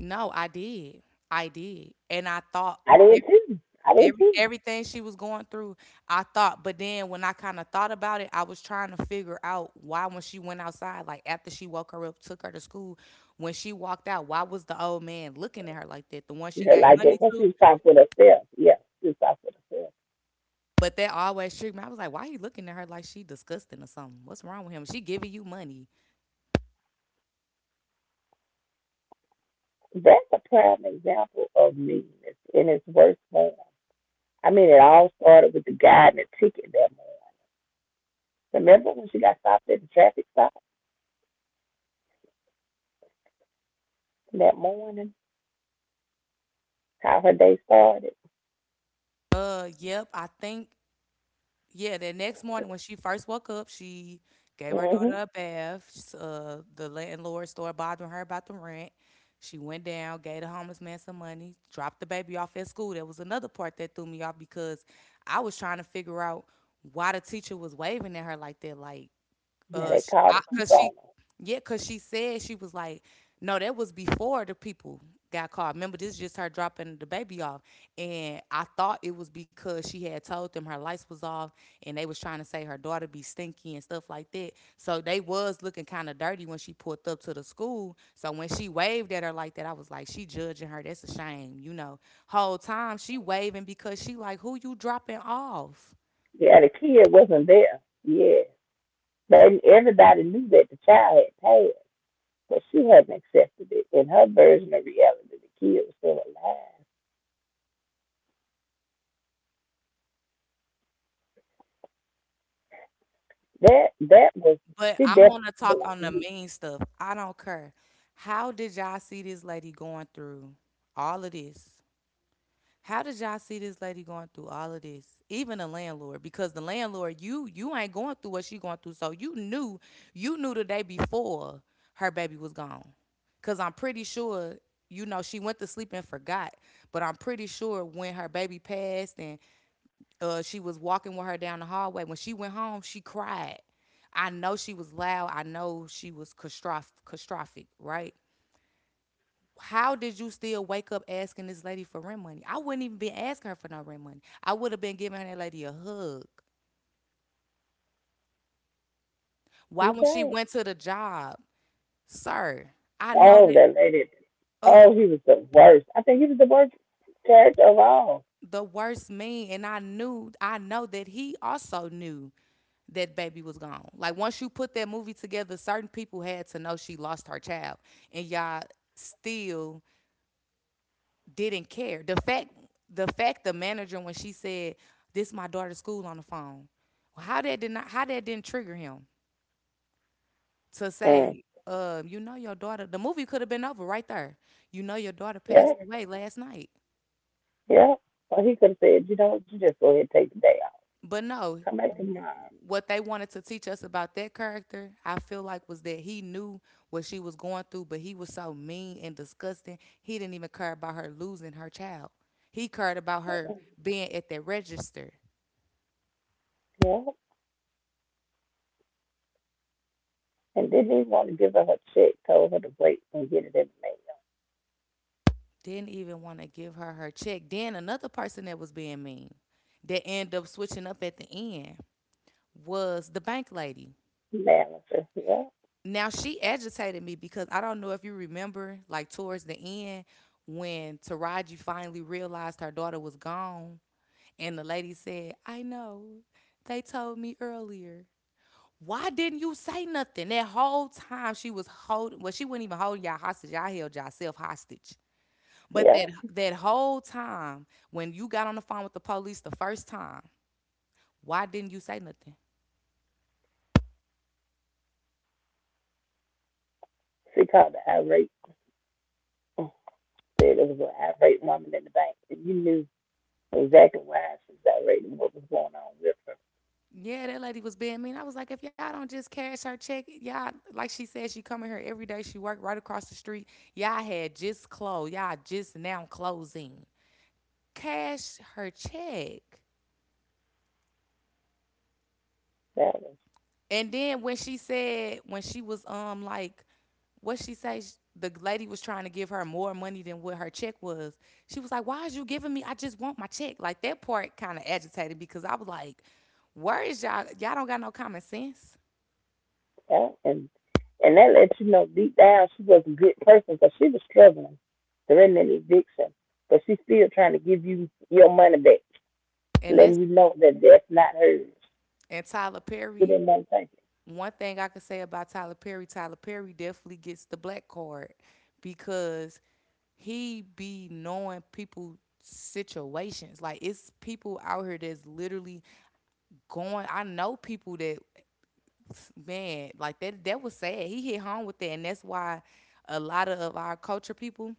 Speaker 1: No, I did. I did. And I thought
Speaker 2: I did too. I did too.
Speaker 1: everything she was going through, I thought, but then when I kind of thought about it, I was trying to figure out why when she went outside, like after she woke her up, took her to school, when she walked out, why was the old man looking at her like that, the one
Speaker 2: You
Speaker 1: she
Speaker 2: heard
Speaker 1: gave
Speaker 2: like
Speaker 1: money
Speaker 2: that. Well, she
Speaker 1: to,
Speaker 2: was talking with herself. Yeah, she was talking with herself.
Speaker 1: but that always tricked me. I was like, why he looking at her like she disgusting or something? What's wrong with him? She giving you money.
Speaker 2: That's a prime example of meanness in its worst form. I mean, it all started with the guy and the ticket that morning. Remember when she got stopped at the traffic stop that morning? How her day started?
Speaker 1: Yep I think, yeah, the next morning when she first woke up, she gave her
Speaker 2: Hmm.
Speaker 1: daughter a bath. The landlord started bothering her about the rent. She went down, gave the homeless man some money, dropped the baby off at school. That was another part that threw me off because I was trying to figure out why the teacher was waving at her like that. Like,
Speaker 2: Yeah, they
Speaker 1: sh
Speaker 2: called the
Speaker 1: I,
Speaker 2: police
Speaker 1: cause
Speaker 2: on
Speaker 1: she
Speaker 2: her.
Speaker 1: yeah, cause she said she was like, no, that was before the people got called. Remember, this is just her dropping the baby off, and I thought it was because she had told them her lights was off, and they was trying to say her daughter be stinky and stuff like that, so they was looking kind of dirty when she pulled up to the school, so when she waved at her like that, I was like, she judging her, that's a shame, you know, whole time she waving because she like, who you dropping off?
Speaker 2: Yeah, the kid wasn't there. Yeah. They, everybody knew that the child had passed, but she hadn't accepted it. In her version of reality, the kid was still alive. That was,
Speaker 1: But
Speaker 2: she
Speaker 1: I want
Speaker 2: definitely
Speaker 1: to talk
Speaker 2: belonged
Speaker 1: on the
Speaker 2: to
Speaker 1: mean stuff. I don't care. How did y'all see this lady going through all of this? How did y'all see this lady going through all of this? Even the landlord, because the landlord, you ain't going through what she going through. So you knew the day before her baby was gone. Cause I'm pretty sure, you know, she went to sleep and forgot. But I'm pretty sure when her baby passed and she was walking with her down the hallway. When she went home, she cried. I know she was loud. I know she was catastrophic, right? How did you still wake up asking this lady for rent money? I wouldn't even be asking her for no rent money. I would have been giving her that lady a hug. Why, when she
Speaker 2: me.
Speaker 1: went to the job, sir, I know
Speaker 2: Oh,
Speaker 1: that,
Speaker 2: that lady.
Speaker 1: ugh,
Speaker 2: Oh, he was the worst. I think he was the worst character of all.
Speaker 1: the worst mean, and I know that he also knew that baby was gone. Like once you put that movie together, certain people had to know she lost her child, and y'all still didn't care. The fact, the manager when she said, "This my daughter's school" on the phone, well, how that didn't trigger him to
Speaker 2: Hmm.
Speaker 1: say, "You know your daughter." The movie could have been over right there. You know your daughter
Speaker 2: Yeah.
Speaker 1: passed away last night.
Speaker 2: Yeah. Well, he could have said, you know what, you just go ahead and take the day off.
Speaker 1: But no,
Speaker 2: Come back tomorrow.
Speaker 1: what they wanted to teach us about that character, I feel like, was that he knew what she was going through, but he was so mean and disgusting. He didn't even care about her losing her child. He cared about her being at the register.
Speaker 2: Yeah. And didn't even want to give her her check. Told her to wait and get it in
Speaker 1: Didn't even want to give her her check. Then another person that was being mean, that ended up switching up at the end, was the bank lady.
Speaker 2: the mail. Manager. Yeah.
Speaker 1: Now she agitated me because I don't know if you remember, like towards the end when Taraji finally realized her daughter was gone, and the lady said, "I know, they told me earlier." Why didn't you say nothing? That whole time she was holding, well, she wasn't even holding y'all hostage. Y'all held yourself hostage. But
Speaker 2: Yeah.
Speaker 1: that whole time when you got on the phone with the police the first time, why didn't you say nothing?
Speaker 2: She called the irate. Said it was an irate woman in the bank. And you knew exactly why she was irate and what was going on with her.
Speaker 1: Yeah, that lady was being mean. I was like, if y'all don't just cash her check, y'all like she said, she coming here every day. She worked right across the street. Y'all had just closed. Y'all just now closing. Cash her check.
Speaker 2: That was.
Speaker 1: And then when she said when she was like, what she say? The lady was trying to give her more money than what her check was. She was like, "Why is you giving me? I just want my check." Like that part kind of agitated because I was like, "Where is y'all? Y'all don't got no common sense."
Speaker 2: Yeah, and that lets you know deep down she was a good person because she was struggling during an eviction, but she's still trying to give you your money back,
Speaker 1: And that's
Speaker 2: letting you know that that's not hers.
Speaker 1: and Tyler
Speaker 2: She
Speaker 1: Perry,
Speaker 2: didn't want to take it.
Speaker 1: one thing I could say about Tyler Perry, Tyler Perry definitely gets the black card because he be knowing people situations. Like it's people out here that's literally going. I know people that, man, like that was sad. He hit home with that, and that's why a lot of our culture people,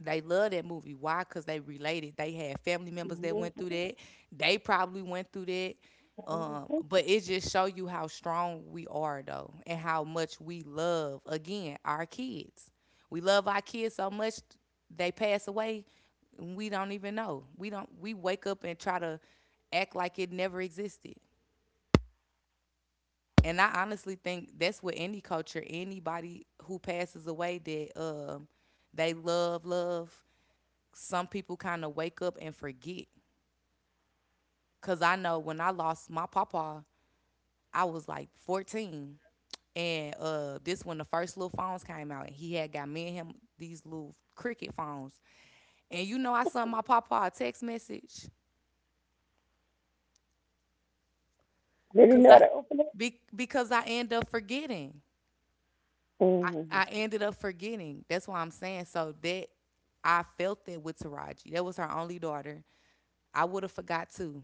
Speaker 1: they love that movie. Why? Because they related. They had family members that went
Speaker 2: Mm-hmm.
Speaker 1: through that. They probably went through that. But it just show you how strong we are though, and how much we love again our kids. We love our kids so much they pass away. And we don't even know. We don't. We wake up and try to act like it never existed. And I honestly think that's what any culture, anybody who passes away that they love, love, some people kind of wake up and forget. Cause I know when I lost my papa, I was like 14. And this when the first little phones came out, and he had got me and him these little cricket phones. And you know, I sent my papa a text message,
Speaker 2: Did he
Speaker 1: cause
Speaker 2: know
Speaker 1: I,
Speaker 2: how to open it?
Speaker 1: because I end up forgetting.
Speaker 2: Mm-hmm.
Speaker 1: I ended up forgetting. That's why I'm saying. So that I felt that with Taraji. That was her only daughter. I would have forgot too.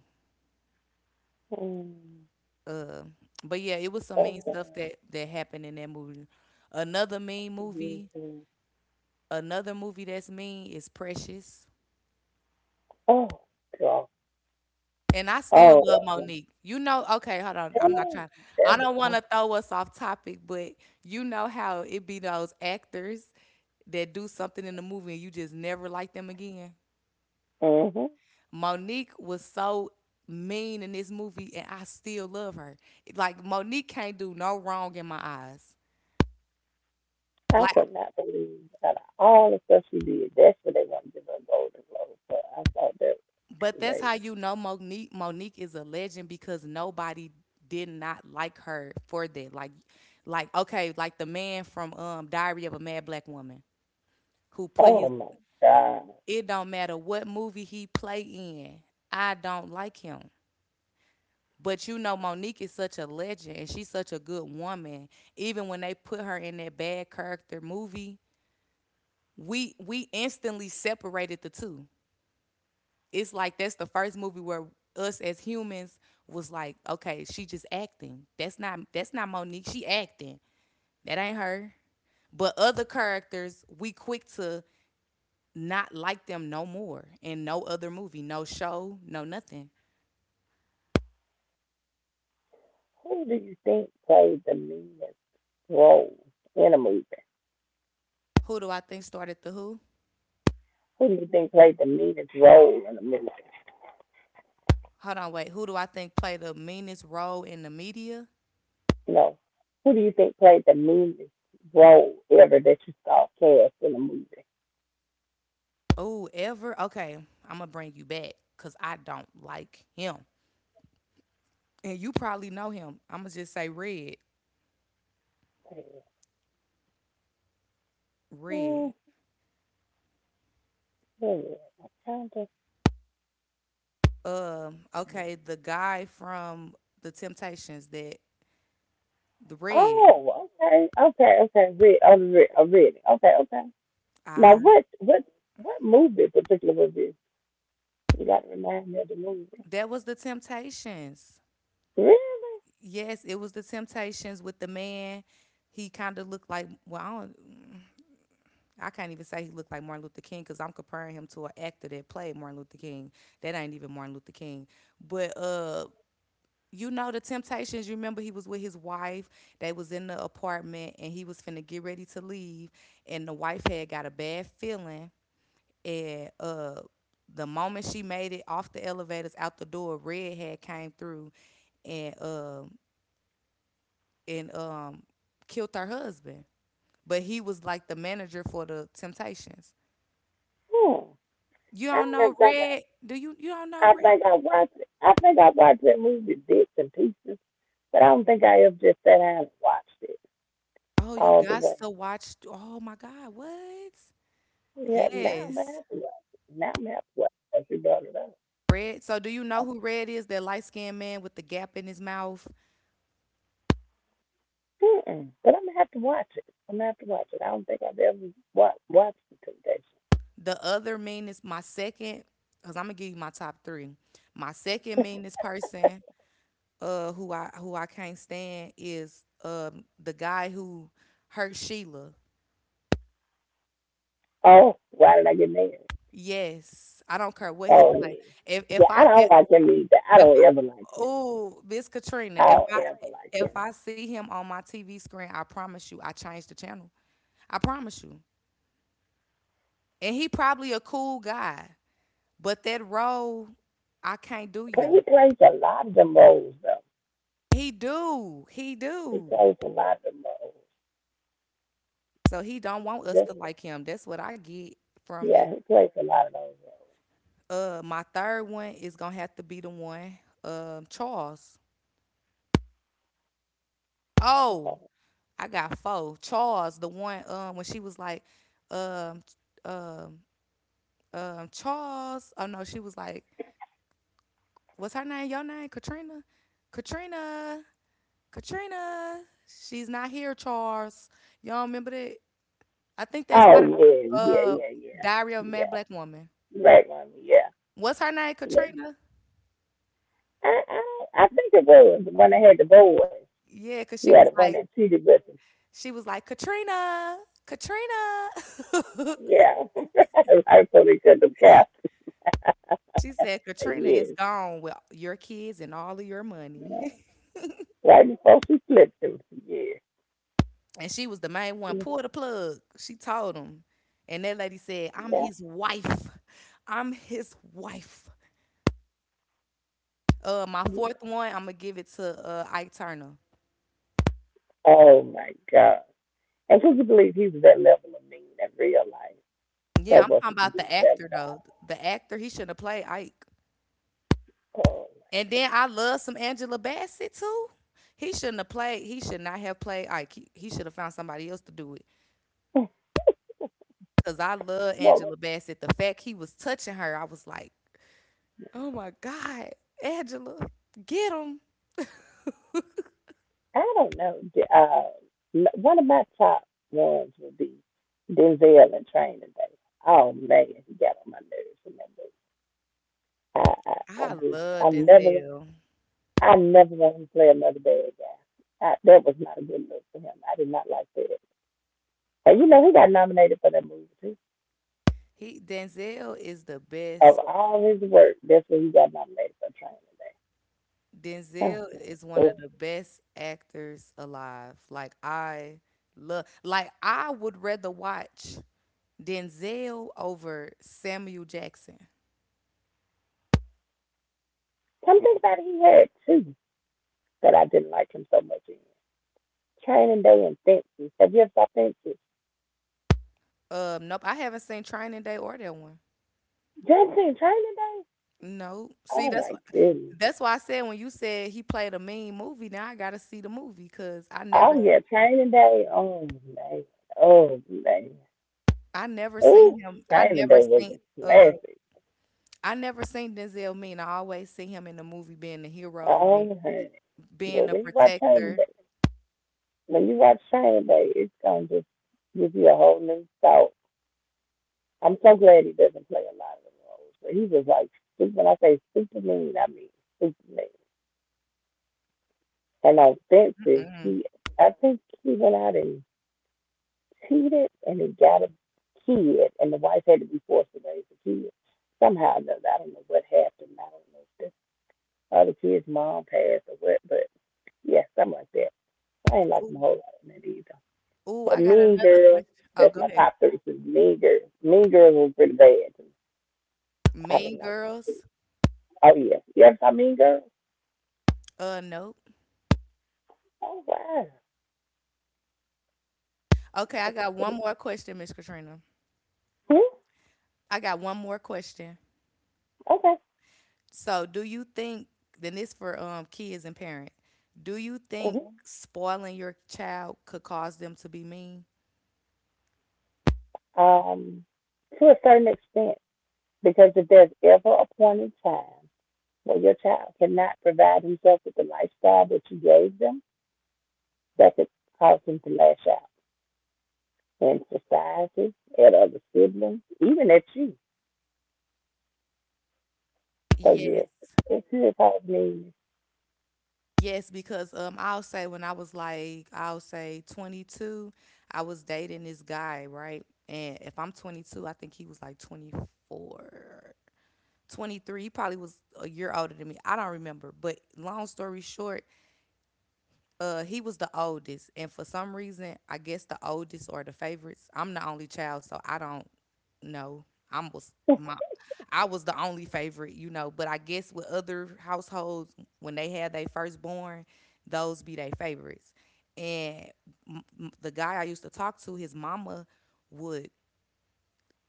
Speaker 2: Mm-hmm.
Speaker 1: Uh, but yeah, it was some mean
Speaker 2: Okay.
Speaker 1: stuff that happened in that movie. Another mean movie.
Speaker 2: Mm-hmm.
Speaker 1: Another movie that's mean is Precious.
Speaker 2: Oh, God.
Speaker 1: And I still
Speaker 2: Oh,
Speaker 1: love
Speaker 2: yeah.
Speaker 1: Monique. You know, okay, hold on. I'm not
Speaker 2: Hey,
Speaker 1: trying.
Speaker 2: there
Speaker 1: I
Speaker 2: we
Speaker 1: don't want
Speaker 2: go.
Speaker 1: to throw us off topic, but you know how it be those actors that do something in the movie and you just never like them again.
Speaker 2: Mm-hmm.
Speaker 1: Monique was so mean in this movie, and I still love her. Like Monique can't do no wrong in my eyes.
Speaker 2: I
Speaker 1: Like,
Speaker 2: could not believe that all the stuff she did. That's what they want to give her a Golden Globe for. I thought that
Speaker 1: but
Speaker 2: was
Speaker 1: that's how
Speaker 2: crazy.
Speaker 1: you know Monique. Monique is a legend because nobody did not like her for that. Like okay, like the man from Diary of a Mad Black Woman who put
Speaker 2: Oh
Speaker 1: his.
Speaker 2: my God.
Speaker 1: It don't matter what movie he play in. I don't like him. But you know, Monique is such a legend and she's such a good woman. Even when they put her in that bad character movie, we instantly separated the two. It's like that's the first movie where us as humans was like, okay, she just acting. That's not Monique. She acting. That ain't her. But other characters, we quick to not like them no more in no other movie, no show, no nothing.
Speaker 2: Who do you think played the meanest role in a movie?
Speaker 1: Who do I think started the who?
Speaker 2: Who do you think played the meanest role in a movie?
Speaker 1: Hold on, wait. Who do I think play the meanest role in the media?
Speaker 2: No. Who do you think played the meanest role ever that you saw cast in a movie?
Speaker 1: Oh, ever? Okay, I'm gonna bring you back because I don't like him, and you probably know him. I'm gonna just say Red.
Speaker 2: Hmm.
Speaker 1: Red.
Speaker 2: Hmm.
Speaker 1: Okay, the guy from the Temptations, that the Red.
Speaker 2: Oh, okay, okay, okay. Re- oh, really? Okay, okay. Now,
Speaker 1: I
Speaker 2: what what movie in particular was this? You got to remind me of the movie.
Speaker 1: that was the Temptations.
Speaker 2: Really?
Speaker 1: Yes, it was the Temptations with the man. He kind of looked like, well, I don't, I can't even say he looked like Martin Luther King because I'm comparing him to an actor that played Martin Luther King. That ain't even Martin Luther King. But you know the Temptations. You remember he was with his wife. They was in the apartment and he was finna get ready to leave. And the wife had got a bad feeling. And the moment she made it off the elevators out the door, Red had came through and uh, and killed her husband. But he was like the manager for the Temptations.
Speaker 2: Hmm.
Speaker 1: You
Speaker 2: I
Speaker 1: don't know
Speaker 2: don't think
Speaker 1: Red? Do you don't
Speaker 2: I.
Speaker 1: know
Speaker 2: I
Speaker 1: Red?
Speaker 2: think I watched. It. I think I watched that movie bits and pieces, but I don't think I ever just sat down and watched it
Speaker 1: Oh, you
Speaker 2: all the
Speaker 1: got
Speaker 2: way.
Speaker 1: to watch. Oh my God, what?
Speaker 2: Yeah, now I'm gonna
Speaker 1: Yes.
Speaker 2: have to watch it. Now I'm gonna have to watch it. She brought it up.
Speaker 1: Red. So do you know who Red is? That light skinned man with the gap in his mouth.
Speaker 2: Mm-mm. But I'm gonna have to watch it. I'm gonna have to watch it. I don't think I've ever watched The Temptation.
Speaker 1: The other meanest, my second, because I'm gonna give you my top three. My second meanest person, who I can't stand is the guy who hurt Sheila.
Speaker 2: Oh, why did I get mad?
Speaker 1: Yes. I don't care what he
Speaker 2: Oh
Speaker 1: play.
Speaker 2: yeah,
Speaker 1: If
Speaker 2: yeah.
Speaker 1: if
Speaker 2: I
Speaker 1: I
Speaker 2: don't like him either. I
Speaker 1: If I,
Speaker 2: don't ever like him.
Speaker 1: oh, this Katrina. If I
Speaker 2: However like
Speaker 1: if
Speaker 2: him.
Speaker 1: I see him on my TV screen, I promise you, I change the channel. I promise you. And he probably a cool guy, but that role, I can't do
Speaker 2: But he
Speaker 1: you.
Speaker 2: plays a lot of them roles though.
Speaker 1: He do, he
Speaker 2: He
Speaker 1: do.
Speaker 2: plays a lot of them roles.
Speaker 1: So he don't want us
Speaker 2: Just,
Speaker 1: to like him. That's what I get from it.
Speaker 2: yeah, he plays a lot of those
Speaker 1: My third one is gonna have to be the one, Charles. Oh,
Speaker 2: roles.
Speaker 1: I got four. Charles, the one, when she was like, um, Charles. Oh no, she was like, "What's her name? Your name? Katrina? Katrina? Katrina? She's not here, Charles. Y'all remember that? I think that's why.
Speaker 2: Oh yeah, yeah,
Speaker 1: Uh,
Speaker 2: yeah,
Speaker 1: Diary of a Mad
Speaker 2: yeah, yeah.
Speaker 1: Black Woman.
Speaker 2: Right mommy, yeah.
Speaker 1: What's her name?
Speaker 2: Yeah.
Speaker 1: Katrina.
Speaker 2: I think it was the one that had the boy.
Speaker 1: Yeah, cause
Speaker 2: Yeah, the one that cheated with him.
Speaker 1: she was like, Katrina, Katrina.
Speaker 2: Yeah. Right before they cut them caps.
Speaker 1: She said, Katrina
Speaker 2: Yes.
Speaker 1: is gone with your kids and all of your
Speaker 2: Yeah.
Speaker 1: money.
Speaker 2: Right before she flipped him. Yeah.
Speaker 1: And she was the main one. Pull the plug. She told him, and that lady said, "I'm
Speaker 2: Yeah.
Speaker 1: his wife. I'm his wife." My fourth
Speaker 2: Yeah.
Speaker 1: one, I'm gonna give it to Ike Turner.
Speaker 2: Oh my God. And could you believe he was that level of mean in real life?
Speaker 1: Yeah,
Speaker 2: That
Speaker 1: I'm talking
Speaker 2: wasn't
Speaker 1: about
Speaker 2: being
Speaker 1: the
Speaker 2: said
Speaker 1: actor though. The actor, he shouldn't have played Ike.
Speaker 2: about.
Speaker 1: And then I love some Angela Bassett too. He shouldn't have played. He should not have played Ike. He should have found somebody else to do it. Cause I love
Speaker 2: Well,
Speaker 1: Angela Bassett. The fact he was touching her, I was like, oh my god, Angela, get him.
Speaker 2: I don't know. Uh, one of my top ones would be Denzel in Training Day. Oh man, he got on my nerves in that movie. I
Speaker 1: I
Speaker 2: just,
Speaker 1: love Denzel.
Speaker 2: I never wanted to play another bad guy. I, that was not a good look for him. I did not like that. And you know, he got nominated for that movie too.
Speaker 1: He Denzel is the
Speaker 2: Of
Speaker 1: best.
Speaker 2: all his work, that's what he got nominated for Training Day.
Speaker 1: Denzel is one of
Speaker 2: Oh,
Speaker 1: the best actors alive. Like I Love, like I would rather watch Denzel over Samuel Jackson.
Speaker 2: something that he had too that I didn't like him so much in. Training Day and Fences. Have you ever saw Fences?
Speaker 1: Nope, I haven't seen Training Day or that one.
Speaker 2: John Training Day?
Speaker 1: No. See,
Speaker 2: Oh
Speaker 1: that's
Speaker 2: my
Speaker 1: why
Speaker 2: goodness.
Speaker 1: that's why I said when you said he played a mean movie, now I gotta see the movie because I never
Speaker 2: Oh yeah, Training Day. Oh man. Oh man.
Speaker 1: I never
Speaker 2: Ooh,
Speaker 1: seen him I
Speaker 2: Training
Speaker 1: never
Speaker 2: Day was
Speaker 1: seen
Speaker 2: a
Speaker 1: uh,
Speaker 2: classic.
Speaker 1: I never seen Denzel mean. I always see him in the movie being the hero,
Speaker 2: Oh honey.
Speaker 1: being
Speaker 2: But
Speaker 1: the protector.
Speaker 2: When you watch Training Day, it's gonna just give you a whole new thought. I'm so glad he doesn't play a lot of the roles, but he was like when I say stupid mean, I mean stupid mean. And offensive.
Speaker 1: Mm-mm.
Speaker 2: He, I think he went out and cheated and he got a kid, and the wife had to be forced to raise the kid. Somehow or another, I don't know what happened. I don't know if the other kid's mom passed or what, but yeah, something like that. So I ain't like him a
Speaker 1: Ooh,
Speaker 2: whole lot in that either.
Speaker 1: Ooh,
Speaker 2: But
Speaker 1: I got
Speaker 2: Mean
Speaker 1: another
Speaker 2: Girls,
Speaker 1: question. Oh,
Speaker 2: that's
Speaker 1: go
Speaker 2: my
Speaker 1: ahead.
Speaker 2: top three. So mean Girls, Mean Girls was pretty bad. I
Speaker 1: Mean
Speaker 2: didn't like them
Speaker 1: Girls?
Speaker 2: too. Oh yeah, you ever saw Mean Girls?
Speaker 1: Nope.
Speaker 2: Oh wow.
Speaker 1: Okay, I got one more question, Miss Katrina.
Speaker 2: Hmm?
Speaker 1: I got one more question.
Speaker 2: Okay.
Speaker 1: So, do you think, then this for kids and parents, do you think
Speaker 2: Mm-hmm.
Speaker 1: spoiling your child could cause them to be mean?
Speaker 2: um, to a certain extent, because if there's ever a point in time where your child cannot provide himself with the lifestyle that you gave them, that could cause him to lash out in society, at other siblings, even at you. So yes,
Speaker 1: Yes.
Speaker 2: it could cause me.
Speaker 1: Yes, because I'll say when I was like, I'll say 22, I was dating this guy, right? And if I'm 22, I think he was like 24, 23. He probably was a year older than me. I don't remember. But long story short, he was the oldest. And for some reason, I guess the oldest or the favorites, I'm the only child, so I don't, no, I was my I was the only favorite, you know. But I guess with other households, when they had their firstborn, those be their favorites. And the guy I used to talk to, his mama would,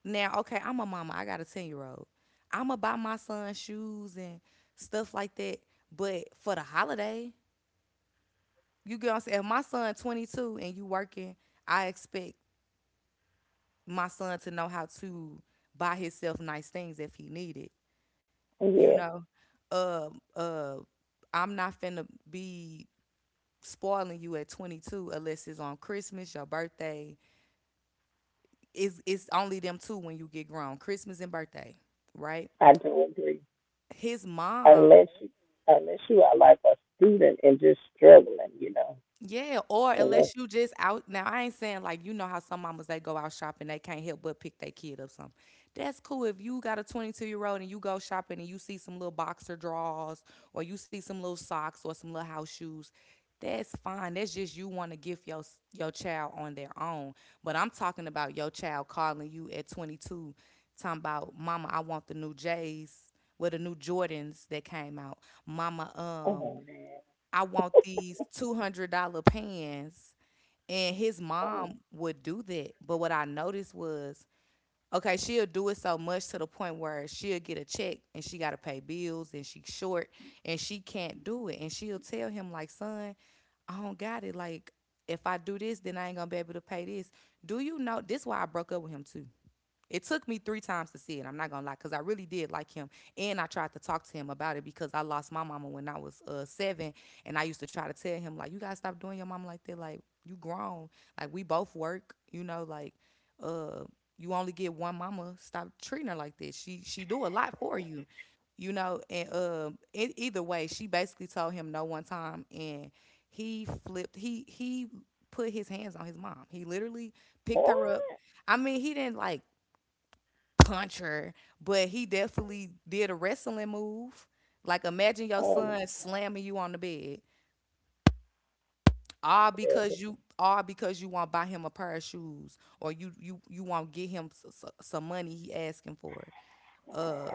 Speaker 1: now. Okay, I'm a mama. I got a 10 year old. I'ma buy my son shoes and stuff like that. But for the holiday, you get what I'm saying. If my son 22 and you working, I expect my son to know how to buy himself nice things if he needed. you
Speaker 2: Yes,
Speaker 1: know um uh I'm not finna be spoiling you at 22 unless it's on christmas your birthday. It's only them two when you get grown, christmas and birthday, right.
Speaker 2: I do agree.
Speaker 1: His
Speaker 2: Unless
Speaker 1: mom.
Speaker 2: you, unless you are like a student and just struggling, you know.
Speaker 1: Yeah, or
Speaker 2: Unless,
Speaker 1: unless you just out now. I ain't saying, like, you know how some mamas they go out shopping, they can't help but pick their kid up something. That's cool if you got a 22-year-old and you go shopping and you see some little boxer drawers or you see some little socks or some little house shoes. That's fine. That's just you want to gift your your child on their own. But I'm talking about your child calling you at 22, talking about, mama, I want the new J's with the new Jordans that came out. Mama,
Speaker 2: oh,
Speaker 1: I want these $200 pans. And his mom would do that. But what I noticed was, okay, she'll do it so much to the point where she'll get a check and she got to pay bills and she's short and she can't do it. And she'll tell him, like, son, I don't got it. Like, if I do this, then I ain't going to be able to pay this. Do you know? This why I broke up with him, too. It took me three times to see it. I'm not gonna lie, because I really did like him, and I tried to talk to him about it because I lost my mama when I was seven, and I used to try to tell him, like, you gotta stop doing your mama like that. Like, you grown, like we both work, you know, like uh, you only get one mama. Stop treating her like this. She do a lot for you, you know. And either way, she basically told him no one time, and he flipped. He put his hands on his mom. He literally picked
Speaker 2: what?
Speaker 1: her up. I mean, he didn't like puncher, but he definitely did a wrestling move. Like, imagine your
Speaker 2: Oh my
Speaker 1: son slamming you on the bed, all because
Speaker 2: goodness.
Speaker 1: you won't buy him a pair of shoes, or you won't get him some money he asking for. Uh,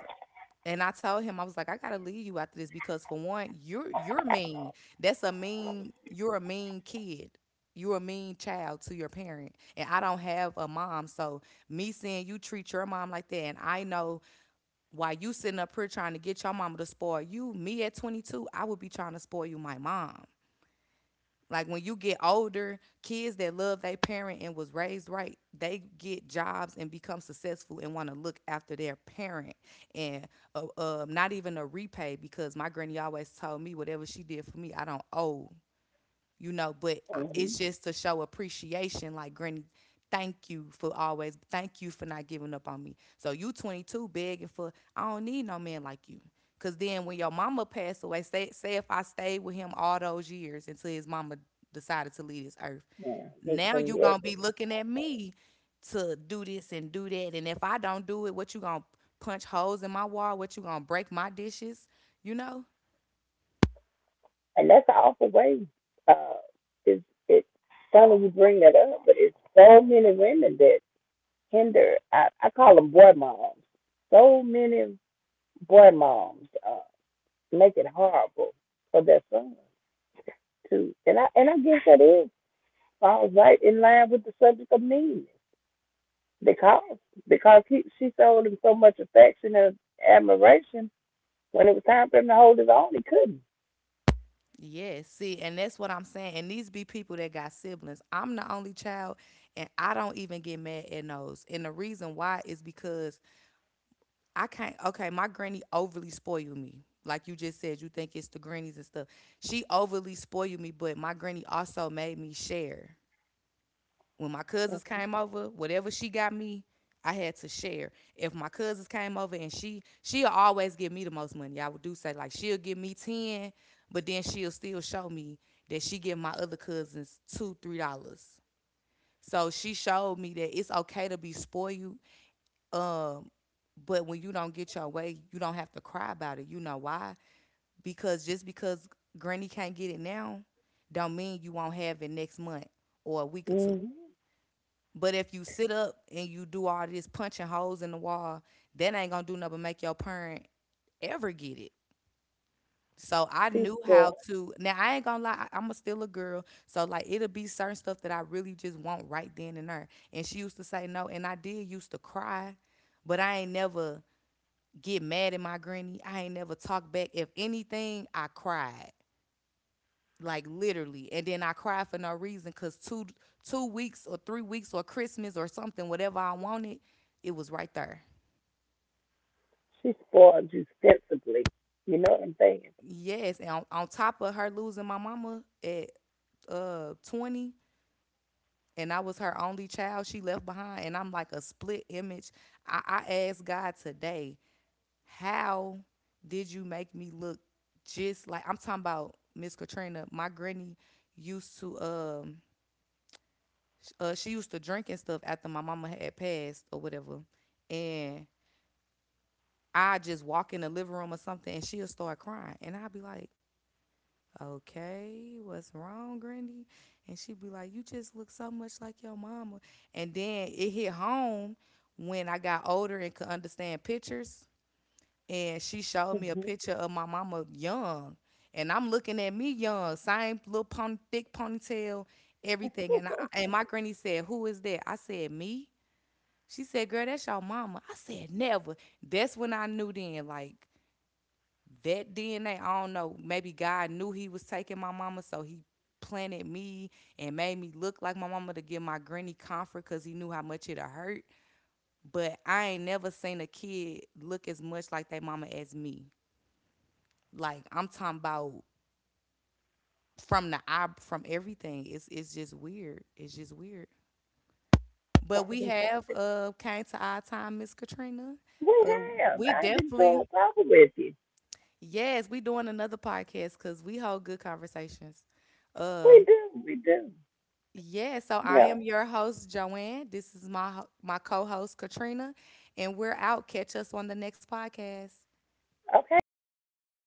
Speaker 1: and I told him, I was like, I gotta leave you after this because, for one, you're mean. That's a mean. You're a mean kid. You're a mean child to your parent, and I don't have a mom. So me saying you treat your mom like that, and I know. While you sitting up here trying to get your mama to spoil you, me at 22, I would be trying to spoil you, my mom. Like, when you get older, kids that love their parent and was raised right, they get jobs and become successful and want to look after their parent, and not even a repay, because my granny always told me whatever she did for me, I don't owe, you know, but
Speaker 2: Mm-hmm.
Speaker 1: it's just to show appreciation. Like, granny, thank you for always, thank you for not giving up on me. So, you 22 begging for, I don't need no man like you. Cause then when your mama passed away, say if I stayed with him all those years until his mama decided to leave this earth,
Speaker 2: Yeah, he
Speaker 1: now
Speaker 2: couldn't
Speaker 1: you
Speaker 2: be able
Speaker 1: gonna
Speaker 2: to
Speaker 1: be looking at me to do this and do that. And if I don't do it, what, you gonna punch holes in my wall? What, you gonna break my dishes? You know?
Speaker 2: and that's an awful way. Uh, it's funny you bring that up, but it's so many women that hinder. I call them boy moms. So many boy moms make it horrible for their sons too, and I guess that is falls right in line with the subject of meanness because she showed him so much affection and admiration when it was time for him to hold his own, he couldn't.
Speaker 1: Yes, see, and that's what I'm saying. And these be people that got siblings. I'm the only child, and I don't even get mad at those. And the reason why is because I can't. Okay, my granny overly spoiled me. Like you just said, you think it's the grannies and stuff. She overly spoiled me, but my granny also made me share. When my cousins came over, whatever she got me, I had to share. If my cousins came over, and she'll always give me the most money. I would do, say, like, she'll give me ten, but then she'll still show me that she give my other cousins two, $3. So she showed me that it's okay to be spoiled. Um, but when you don't get your way, you don't have to cry about it. You know why? Because just because granny can't get it now, don't mean you won't have it next month or a week or two.
Speaker 2: Mm-hmm.
Speaker 1: But if you sit up and you do all this punching holes in the wall, that ain't gonna do nothing but make your parent ever get it. So I
Speaker 2: She
Speaker 1: knew
Speaker 2: said,
Speaker 1: how to. Now, I ain't gonna lie, I'm a still a girl. So like, it'll be certain stuff that I really just want right then and there. And she used to say no, and I did used to cry, but I ain't never get mad at my granny. I ain't never talk back. If anything, I cried, like, literally, and then I cry for no reason because two weeks or three weeks or christmas or something, whatever I wanted, it was right there.
Speaker 2: she spoils you sensibly. You know what I'm saying?
Speaker 1: Yes, and on top of her losing my mama at 20, and I was her only child she left behind, and I'm like a split image. I asked god today, how did you make me look just, like I'm talking about Miss Katrina, my granny, used to she used to drink and stuff after my mama had passed or whatever. And I just walk in the living room or something and she'll start crying. And I'd be like, okay, what's wrong, Grandy? And she'd be like, you just look so much like your mama. And then it hit home when I got older and could understand pictures. And she showed me a picture of my mama young. And I'm looking at me young, same little pony, thick ponytail, everything. And my granny said, "Who is that?" I said, "Me." She said, "Girl, that's your mama." I said, "Never." That's when I knew then, like, that DNA, I don't know. Maybe God knew he was taking my mama, so he planted me and made me look like my mama to give my granny comfort because he knew how much it'll hurt. But I ain't never seen a kid look as much like their mama as me. Like, I'm talking about from the eye, from everything. It's just weird. It's just weird. But we
Speaker 2: Mm-hmm.
Speaker 1: have came to our time, Miss Katrina.
Speaker 2: We
Speaker 1: Uh,
Speaker 2: have.
Speaker 1: we
Speaker 2: I've enjoyed
Speaker 1: definitely
Speaker 2: talking with you.
Speaker 1: Yes, we doing another podcast because we hold good conversations.
Speaker 2: We
Speaker 1: Um,
Speaker 2: do. We do.
Speaker 1: yeah, so I
Speaker 2: Well,
Speaker 1: am your host, Joanne. This is my my co-host, Katrina, and we're out. Catch us on the next podcast.
Speaker 2: okay, darling. Have a